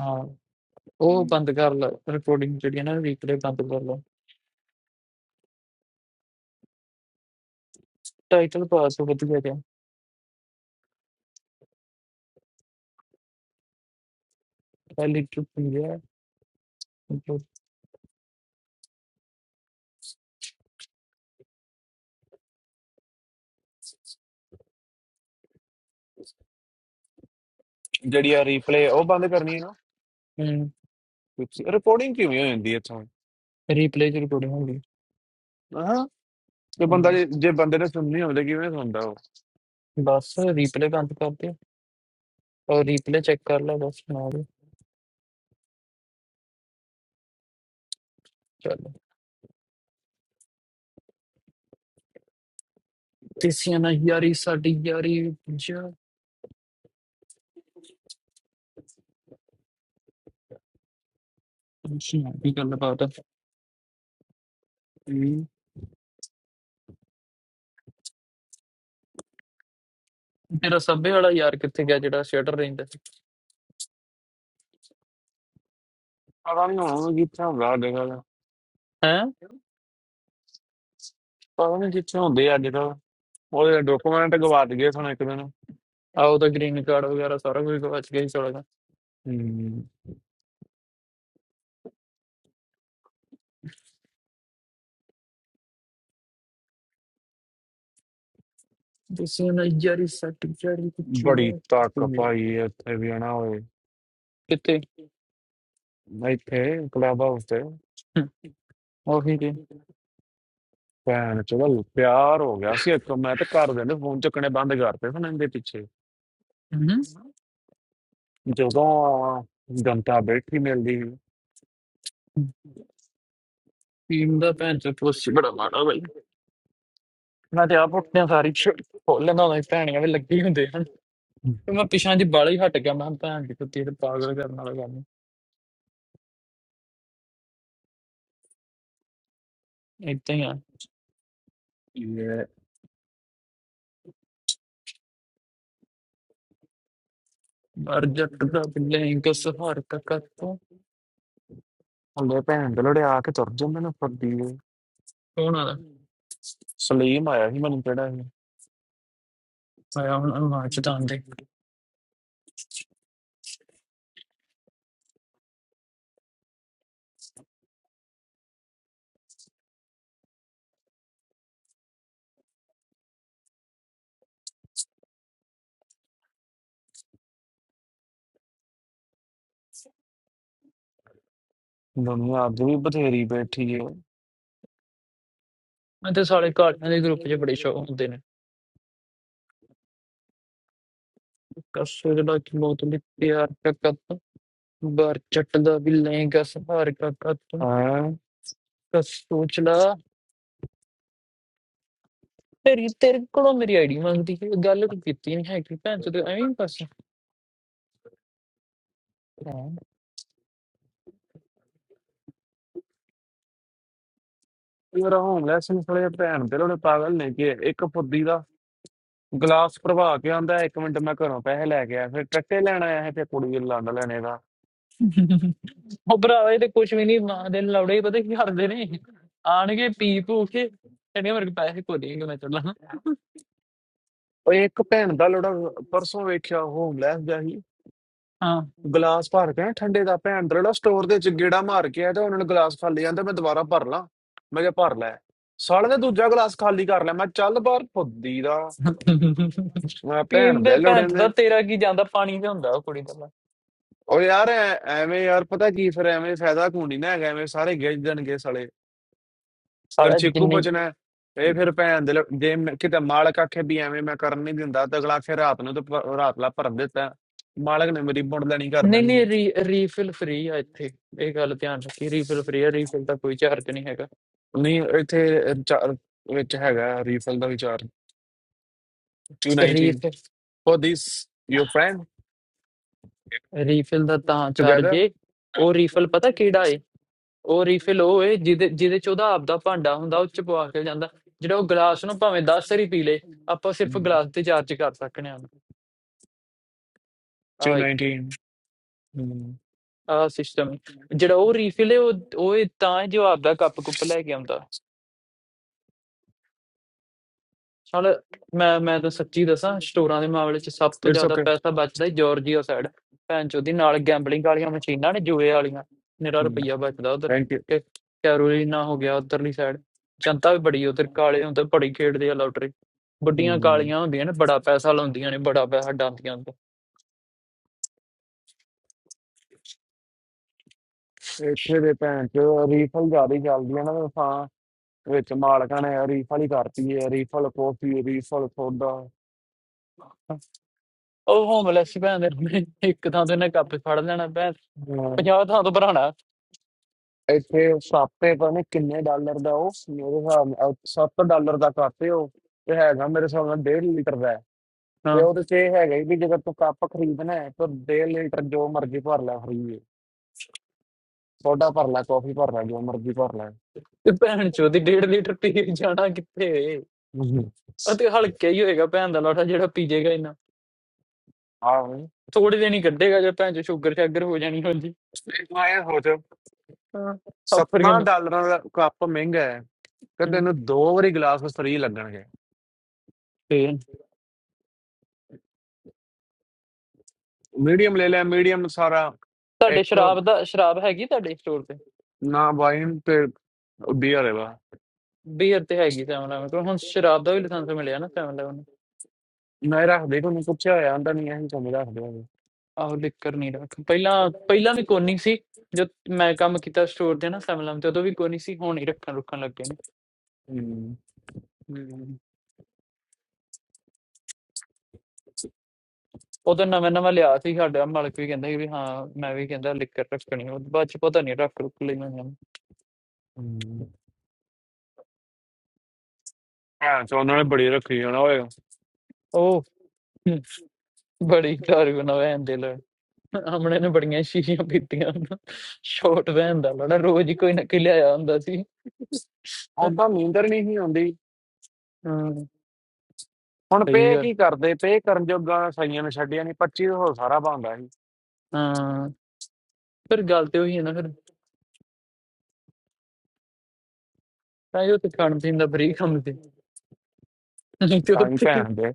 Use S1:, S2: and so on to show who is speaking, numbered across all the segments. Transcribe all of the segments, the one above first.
S1: ਹਾਂ, ਉਹ ਬੰਦ ਕਰ ਲੈ ਰਿਕਾਰਡਿੰਗ ਜਿਹੜੀ ਹੈ ਨਾ ਰੀਪਲੇ ਬੰਦ ਕਰ ਲੈ। ਟਾਈਟਲ ਪਾ ਤੂੰ ਵਧੀਆ ਜਿਹਾ ਮਤਲਬ
S2: ਤੇ ਉਹ ਬੰਦ ਕਰਨੀ ਹੈ ਨਾ
S1: ਹੂੰ,
S2: ਰਿਪੋਰਟਿੰਗ ਕਿਵੇਂ ਹੋ ਜਾਂਦੀ ਹੈ ਇੱਥੋਂ
S1: ਰੀਪਲੇ 'ਚ ਰਿਕਾਰਡਿੰਗ ਹੁੰਦੀ।
S2: ਹਾਂ ਤੇ ਬੰਦਾ
S1: ਹੂੰ,
S2: ਜੇ ਜੇ ਬੰਦੇ ਨੇ ਸੁਣਨੀ ਹੋਵੇ ਤਾਂ ਕਿਵੇਂ ਸੁਣਦਾ ਉਹ
S1: ਬਸ ਰੀਪਲੇ ਬੰਦ ਕਰ ਦੇ ਔਰ ਰੀਪਲੇ ਚੈੱਕ ਕਰ ਲੈ ਬਸ ਨਾਲ ਹੀ। ਚੱਲ ਤੇਸੀਆਂ ਨਾਲ ਯਾਰੀ ਸਾਡੀ ਯਾਰੀ ਵਿੱਚ ਅੱਛਾ ਕੀ ਗੱਲ ਬਾਤ ਆ
S2: ਹਮ।
S1: ਤੇਰਾ ਸੱਭੇ ਵਾਲਾ ਯਾਰ ਕਿੱਥੇ ਗਿਆ ਜਿਹੜਾ ਸ਼ਟਰ ਰਹਿੰਦਾ ਸੀ
S2: ਪਤਾ ਨਹੀਂ ਹੁਣ ਕਿੱਥੇ ਹੁੰਦਾ ਅੱਜ ਕੱਲ੍ਹ
S1: ਹੈ
S2: ਪਤਾ ਨਹੀਂ ਕਿੱਥੇ ਹੁੰਦੇ ਆ ਅੱਜ ਕੱਲ੍ਹ ਉਹਦੇ ਡਾਕੂਮੈਂਟ ਗਵਾ ਦਈਏ ਸਾਨੂੰ ਇੱਕ ਦਿਨ
S1: ਆ ਉਹਦਾ ਗ੍ਰੀਨ ਕਾਰਡ ਵਗੈਰਾ ਸਾਰਾ ਕੁਝ ਗਵਾਚ ਗਿਆ ਸੀ ਸਾਲਾ ਦਾ
S2: ਹਮ,
S1: ਤੇਸੀਆਂ ਨਾਲ ਯਾਰੀ ਸਾਡੀ ਯਾਰੀ
S2: ਬੜੀ ਤਾਕਤ
S1: ਵਿੱਚ
S2: ਪਾਈ ਹੈ ਇੱਥੇ ਵੀ ਹਨਾ ਓਏ
S1: ਕਿੱਥੇ
S2: ਇੱਥੇ ਕਲੱਬ ਹਾਊਸ
S1: ਹੂੰ,
S2: ਤੇ
S1: ਉਹੀ ਤੇ
S2: ਭੈਣ ਚੋਦ ਪਿਆਰ ਹੋ ਗਿਆ ਸੀ ਇੱਕ ਮੈਂ ਤੇ ਘਰ ਦੇ ਨੇ ਫੋਨ ਚੱਕਣੇ ਬੰਦ ਕਰਤੇ ਹੁਣ ਇਹਦੇ ਪਿੱਛੇ
S1: ਹਮ
S2: ਜਦੋਂ ਜਨਤਾ ਬੈਠੀ ਮਿਲਦੀ
S1: ਟੀਮ ਦਾ ਭੈਣ ਚੋ ਪੁੱਛ ਬੜਾ ਮਾੜਾ ਬਈ ਮੈਂ ਤੇ ਆਪ ਉੱਠਦਿਆਂ ਸਾਰੀ ਸ਼ਿਟ ਖੋਲ ਲੈਂਦਾ ਹੁੰਦਾ ਸੀ, ਭੈਣੀਆਂ ਵੀ ਲੱਗੀ ਹੁੰਦੇ ਹਨ ਤੇ ਮੈਂ ਪਿਛਾਂ ਜੀ ਬਾਲਾ ਹੀ ਹਟ ਗਿਆ ਮੈਂ ਕਿਹਾ ਭੈਣ ਦੀ ਕੁੱਤੀ ਇਹ ਤੇ ਪਾਗਲ ਕਰਨ ਵਾਲਾ ਕੰਮ ਏਦਾਂ ਹੀ ਆ
S2: ਸੀ।
S1: ਮਰ ਜੱਟ ਦਾ ਬਿੱਲੇ ਇੰਕ ਸਹਾਰ ਤੱਕ ਤੋਂ
S2: ਹਲੇ ਭੈਣ ਦੇ ਲੜੇ ਆ ਕੇ ਤੁਰ ਜਾਂਦੇ ਨੇ ਫੱਦੀ ਦੇ।
S1: ਸੋਹਣਾ ਦਾ
S2: ਸਲੀਮ ਆਇਆ ਸੀ ਮੈਨੂੰ ਕਿਹੜਾ ਇਹ
S1: ਆਇਆ ਹੁਣ ਆਵਾਜ਼ ਤਾਂ ਆਂਦੇ
S2: ਦੁਨੀਆ ਅੱਗ ਵੀ ਬਥੇਰੀ ਬੈਠੀ ਏ
S1: ਮੈਂ ਤੇ ਸਾਲੇ ਕਾਲਿਆਂ ਦੇ ਗਰੁੱਪ 'ਚ ਬੜੇ ਸ਼ੌਕ ਹੁੰਦੇ ਨੇ ਕਸੂ ਜਿਹੜਾ ਕਿ ਮੌਤ ਲਈ ਪਿਆਰ ਤੱਕ ਤੋਂ ਬਰ ਜੱਟ ਦਾ ਬਿੱਲੇ ਇੰਕ ਸਹਾਰ ਤੱਕ ਤੋਂ
S2: ਹਾਂ
S1: ਕਸੂ ਚਲਾ ਤੇਰੀ ਤੇਰੇ ਕੋਲੋਂ ਮੇਰੀ ਆਈਡੀ ਮੰਗਦੀ ਹੈ ਗੱਲ ਤੂੰ ਕੀਤੀ ਨਹੀਂ ਹੈਗੀ ਭੈਣ ਚੋ ਐਵੇਂ ਹੀ ਬਸ
S2: ਮੇਰਾ ਹੋਮਲੈਸ ਨੂੰ ਸਲੇ ਭੈਣ ਦੇ ਲੜੇ ਪਾਗਲ ਨੇ ਕਿ ਇੱਕ ਫੱਦੀ ਦਾ ਗਲਾਸ ਭਰਵਾ ਕੇ ਆਂਦਾ ਇੱਕ ਮਿੰਟ ਮੈਂ ਘਰੋਂ ਪੈਸੇ ਲੈ ਕੇ ਆਇਆ ਫਿਰ ਟੱਟੇ ਲੈਣ ਆਇਆ ਹੈ ਤੇ ਕੁੜੀ ਨੂੰ ਲੰਡ ਲੈਣੇ ਦਾ
S1: ਉਹ ਭਰਾਵਾ ਇਹ ਤੇ ਕੁਝ ਵੀ ਨਹੀਂ ਮਾਂ ਦੇ ਲੌੜੇ ਹੀ ਪਤਾ ਕੀ ਕਰਦੇ ਨੇ ਆਣਗੇ ਪੀ ਪੂ ਕੇ ਕਹਿੰਦੇ ਮੇਰੇ ਕੋਲ ਪੈਸੇ ਕੋ ਦੇਂਗੇ ਮੈਂ ਚੜਨਾ
S2: ਉਹ ਇੱਕ ਭੈਣ ਦਾ ਲੜਾ ਪਰਸੋਂ ਵੇਖਿਆ ਹੋਮਲੈਸ ਜਿਹਾ ਸੀ
S1: ਹਾਂ
S2: ਗਲਾਸ ਭਰ ਕੇ ਨਾ ਠੰਡੇ ਦਾ ਭੈਣ ਦਾ ਜਿਹੜਾ ਸਟੋਰ ਦੇ ਵਿੱਚ ਗੇੜਾ ਮਾਰ ਕੇ ਆਇਆ ਤੇ ਉਹਨਾਂ ਨੇ ਗਲਾਸ ਖਾਲੀ ਜਾਂਦਾ ਮੈਂ ਦੁਬਾਰਾ ਭਰ ਲਾਂ ਮੈਂ ਕਿਹਾ ਭਰ ਲੈ ਸਾਲੇ ਨੇ ਦੂਜਾ ਗਲਾਸ ਖਾਲੀ ਕਰ ਲਿਆ ਮੈਂ ਚੱਲ ਬਾਹਰ ਫੁੱਦੀ ਦਾ ਮੈਂ ਭੈਣ
S1: ਪੀਣ ਦੇ
S2: ਦੇ
S1: ਭੈਣ
S2: ਲੋੜੇ
S1: ਚੋ ਦਾ
S2: ਨੇ
S1: ਤੇਰਾ ਕੀ ਜਾਂਦਾ ਪਾਣੀ ਲਿਆਉਂਦਾ ਉਹ ਕੁੜੀ ਦਾ
S2: ਉਹ ਯਾਰ ਐ- ਐਵੇਂ ਯਾਰ ਪਤਾ ਕੀ ਫਿਰ ਐਵੇਂ ਫਾਇਦਾ ਕੋਈ ਨਾ ਹੈਗਾ ਐਵੇਂ ਸਾਰੇ ਗਿੱਜ ਦੇਣਗੇ ਸਾਲੇ ਫਿਰ
S1: ਸਾਲਾ
S2: ਚਿੱਕੂ
S1: ਜਿੰਨੇ
S2: ਬਚਣਾ ਹੈ। ਇਹ ਫਿਰ ਭੈਣ ਦੇ ਲੋ- ਜੇ ਮੈਂ- ਕਿਤੇ ਮਾਲਕ ਆਖੇ ਵੀ ਐਵੇਂ ਮੈਂ ਕਰਨ ਨਹੀਂ ਦਿੰਦਾ ਤਾਂ ਅਗਲਾ ਆਖੇ ਰਾਤ ਨੂੰ ਤਾਂ ਭ- ਰਾਤ ਲਾ ਭਰ ਦਿੱਤਾ ਮਾਲਕ ਨੇ ਮੇਰੀ ਮੁੰਡਲਣੀ ਕਰ
S1: ਨਹੀਂ
S2: ਦੇਣੀ
S1: ਨਹੀਂ
S2: ਹੈ
S1: ਰੀ ਰੀਫਿਲ ਫ੍ਰੀ ਆ ਇੱਥੇ ਇਹ ਗੱਲ ਧਿਆਨ ਰੱਖੀ ਰੀਫਿਲ ਫ੍ਰੀ ਆ ਰੀਫਿਲ ਦਾ ਕੋਈ ਚਾਰਜ ਨਹੀਂ ਹੈਗਾ
S2: ਨਹੀਂ ਇੱਥੇ ਅ, ਚਾ- ਵਿੱਚ ਹੈਗਾ ਰੀਫਲ ਦਾ ਵਿਚਾਰ 219
S1: refill
S2: for this your friend
S1: refill ਦਾ ਤਾਂ ਚਾਰਜ
S2: together
S1: ਏ ਉਹ ਰੀਫਿਲ ਪਤਾ ਕਿਹੜਾ ਏ ਉਹ ਰੀਫਿਲ ਉਹ ਏ ਜਿਹਦੇ ਜਿਹਦੇ ਚ ਉਹਦਾ ਆਪਦਾ ਭਾਂਡਾ ਹੁੰਦਾ ਉਹ ਚ ਪਵਾ ਕੇ ਜਾਂਦਾ ਜਿਹੜਾ ਉਹ ਗਲਾਸ ਨੂੰ ਭਾਵੇਂ 10 ਵਾਰੀ ਪੀ ਲੇ ਆਪਾਂ ਸਿਰਫ ਗਲਾਸ ਤੇ ਚਾਰਜ ਕਰ ਸਕਨੇ ਆ ਆਹ ਇੱਕ
S2: 219 Hmm.
S1: ਆਹ ਸਿਸਟਮ ਜਿਹੜਾ ਉਹ ਰੀਫਿਲ ਏ ਉਹ ਉਹ ਏ ਤਾਂ ਏ ਜੋ ਆਪਦਾ ਕੱਪ ਕੁੱਪ ਲੈ ਕੇ ਆਉਂਦਾ ਨਾਲ ਮੈਂ ਮੈਂ ਤਾਂ ਸੱਚੀ ਦੱਸਾਂ ਸਟੋਰਾਂ ਦੇ ਮਾਮਲੇ 'ਚ ਸਭ ਤੋਂ
S2: it's
S1: ਜ਼ਿਆਦਾ
S2: okay
S1: ਪੈਸਾ ਬਚਦਾ ਹੈ ਜਾਰਜੀਆ ਸਾਈਡ ਭੈਣ ਚੋਦੀ ਨਾਲ ਗੈਂਬਲਿੰਗ ਵਾਲੀਆਂ ਮਸ਼ੀਨਾਂ ਨੇ ਜੂਏ ਵਾਲੀਆਂ ਨਿਰਾ
S2: Hmm.
S1: ਰੁਪਈਆ ਬਚਦਾ ਉਧਰ
S2: thank you
S1: ਕਿ ਕੈਰੋਲੀਨਾ ਹੋ ਗਿਆ ਉਧਰਲੀ ਸਾਈਡ ਜਨਤਾ ਵੀ ਬੜੀ ਉਧਰ ਕਾਲੇ ਹੁੰਦੇ ਬੜੀ ਖੇਡਦੇ ਆ ਲੋਟਰੀ ਵੱਡੀਆਂ
S2: Hmm.
S1: ਕਾਲੀਆਂ ਹੁੰਦੀਆਂ ਨੇ ਬੜਾ ਪੈਸਾ ਲਾਉਂਦੀਆਂ ਨੇ ਬੜਾ ਪੈਸਾ ਡਾਂਦੀਆਂ ਨੇ
S2: ਇੱਥੇ ਦੇ ਭੈਣ ਚ ਰੀਫਲ ਜ਼ਿਆਦਾ ਚੱਲਦੀ ਆ ਨਾ ਤਾਂ ਤਾਂ ਵਿੱਚ ਮਾਲਕਾਂ ਨੇ ਰੀਫਲ ਹੀ ਕਰਤੀ ਹੈ ਰੀਫਲ ਕੌਫੀ ਰੀਫਲ ਸੋਡਾ
S1: ਉਹ ਹੋਮਲੈਸ ਭੈਣ ਦੇ ਨੇ ਇੱਕ ਥਾਂ ਤੋਂ ਇਹਨੇ ਕੱਪ ਫੜ ਲੈਣਾ ਭੈਣ
S2: ਹਾਂ,
S1: 50 ਥਾਂ ਤੋਂ ਭਰਾਣਾ
S2: ਇੱਥੇ ਸਾਪੇ ਪਤਾ ਨਹੀਂ ਕਿੰਨੇ ਡਾਲਰ ਦਾ ਉਹ ਮੇਰੇ ਹਿਸਾਬ ਨਾਲ 7 ਡਾਲਰ ਦਾ ਕਾਪੇ ਉਹ ਤੇ ਹੈਗਾ ਮੇਰੇ ਹਿਸਾਬ ਨਾਲ 1.5 ਲੀਟਰ ਦਾ ਹੈ। ਤੇ
S1: ਹਾਂ
S2: ਉਹਦੇ ਚ ਇਹ ਹੈਗਾ ਹੀ ਵੀ ਜੇਕਰ ਤੂੰ ਕੱਪ ਖਰੀਦਣਾ ਹੈ ਤਾਂ 1.5 ਲੀਟਰ ਜੋ ਮਰਜ਼ੀ ਭਰ ਲੈ ਫਰੀ ਸੋਡਾ ਭਰ ਲੈ ਕਾਫੀ ਭਰ ਲੈ ਜੋ ਮਰਜ਼ੀ ਭਰ ਲੈ
S1: ਤੇ ਭੈਣ ਚੋਦੀ 1.5 ਲੀਟਰ ਪੀ ਕੇ ਜਾਣਾ ਕਿੱਥੇ
S2: ਹਮ।
S1: ਅਤੇ ਹਲਕਾ ਹੀ ਹੋਏਗਾ ਭੈਣ ਦਾ ਲਾਠਾ ਜਿਹੜਾ ਪੀਜੇਗਾ ਇਹਨਾਂ
S2: ਹਾਂ
S1: ਥੋੜੇ ਦਿਨ ਹੀ ਕੱਢੇਗਾ ਜੇ ਭੈਣ ਚ ਸ਼ੂਗਰ ਸ਼ਾਗਰ ਹੋ ਜਾਣੀ ਹੁੰਦੀ
S2: ਇੱਕ ਮੈਂ ਇਹ ਸੋਚ
S1: ਹਾਂ ਅਫਰ ਗਿਆ
S2: 17
S1: ਮੈਂ
S2: ਡਾਲਰਾਂ ਦਾ ਕੱਪ ਮਹਿੰਗਾ ਹੈ ਤੇ
S1: ਹੂੰ,
S2: ਤੈਨੂੰ ਦੋ ਵਾਰੀ ਗਲਾਸ ਫ੍ਰੀ ਲੱਗਣਗੇ
S1: ਤੇ
S2: ਮੀਡੀਅਮ ਲੈ ਲੈ ਮੀਡੀਅਮ ਸਾਰਾ
S1: ਤੁਹਾਡੇ
S2: ਇੱਕ
S1: ਸ਼ਰਾਬ ਦਾ ਸ਼ਰਾਬ ਹੈਗੀ ਤੁਹਾਡੇ ਸਟੋਰ ਤੇ
S2: ਨਾ ਵਾਈਨ ਤੇ ਬੀਅਰ ਹੈ ਵਾ
S1: ਬੀਅਰ ਤੇ ਹੈਗੀ 711 ਕੋਲ ਹੁਣ ਸ਼ਰਾਬ ਦਾ ਵੀ ਲਾਇਸੈਂਸ ਮਿਲਿਆ ਨਾ 711
S2: ਮੈਂ ਰੱਖ ਦੇ ਕੋਈ ਪੁੱਛਿਆ ਹੋਇਆ ਹੁੰਦਾ ਨਹੀਂ ਅਸੀਂ ਤੁਹਾਨੂੰ ਰੱਖ ਦੇਵਾਂਗੇ
S1: ਆਹੋ ਲਿਕਰ ਨਹੀਂ ਰੱਖ ਪਹਿਲਾਂ ਪਹਿਲਾਂ ਵੀ ਕੋਨੀ ਸੀ ਜੋ ਮੈਂ ਕੰਮ ਕੀਤਾ ਸਟੋਰ ਤੇ ਨਾ 711 ਤੇ ਉਦੋਂ ਵੀ ਕੋਨੀ ਸੀ ਹੁਣ ਹੀ ਰੱਖਣ ਰੁੱਖਣ ਲੱਗੇ ਨੇ
S2: ਹਮ,
S1: ਹੂੰ। ਉਦੋਂ ਨਵਾਂ ਨਵਾਂ ਲਿਆ ਸੀ ਸਾਡਾ ਮਾਲਕ ਵੀ ਕਹਿੰਦਾ ਸੀ ਵੀ ਹਾਂ ਮੈਂ ਵੀ ਕਹਿੰਦਾ ਲਿਕਰ ਰੱਖਣੀ ਉਹ ਬਾਅਦ ਚ ਪਤਾ ਨਹੀਂ ਰੱਖ ਰੁੱਖ ਲਈ ਮੈਂ
S2: ਹਮ। ਹਾਂ ਸੋ ਉਹਨਾਂ ਨੇ ਬੜੀ ਰੱਖੀ ਹੋਣਾ ਹੋਏਗਾ
S1: ਉਹ ਬੜੀ ਦਾਰੂ ਨਾ ਵੈਨ ਦੇ ਲੜ ਹਮਣੇ ਨੇ ਬੜੀਆਂ ਸ਼ੀਸ਼ੀਆਂ ਪੀਤੀਆਂ ਉਹਨਾਂ। ਸ਼ੋਟ ਵੈਨ ਦਾ ਲੜਾ ਰੋਜ਼ ਹੀ ਕੋਈ ਨਾ ਕੋਈ ਲਿਆਇਆ ਹੁੰਦਾ ਸੀ
S2: ਉਦਾਂ ਨੀਂਦਰ ਨਹੀਂ ਸੀ ਆਉਂਦੀ
S1: ਹਾਂ
S2: ਹੁਣ
S1: ਸਹੀ
S2: ਪੇ
S1: ਗੱਲ
S2: ਕੀ ਕਰਦੇ ਪੇ ਕਰਨ ਜੋਗਾ ਸਾਈਆਂ ਨੇ ਛੱਡਿਆ ਨਹੀਂ 25 ਹੋ ਸਾਰਾ ਬੰਦਾ ਸੀ
S1: ਹਾਂ ਪਰ ਗੱਲ ਤੇ ਉਹੀ ਹੈ ਨਾ ਫਿਰ ਤਾਂ ਹੀ ਉੱਥੇ ਖਾਣ ਪੀਣ ਦਾ ਫਰੀ ਕੰਮ ਤੇ ਨਹੀਂ ਤੇ
S2: ਤਾਂ ਹੀ
S1: ਉੱਥੇ
S2: ਭੈਣ ਦੇ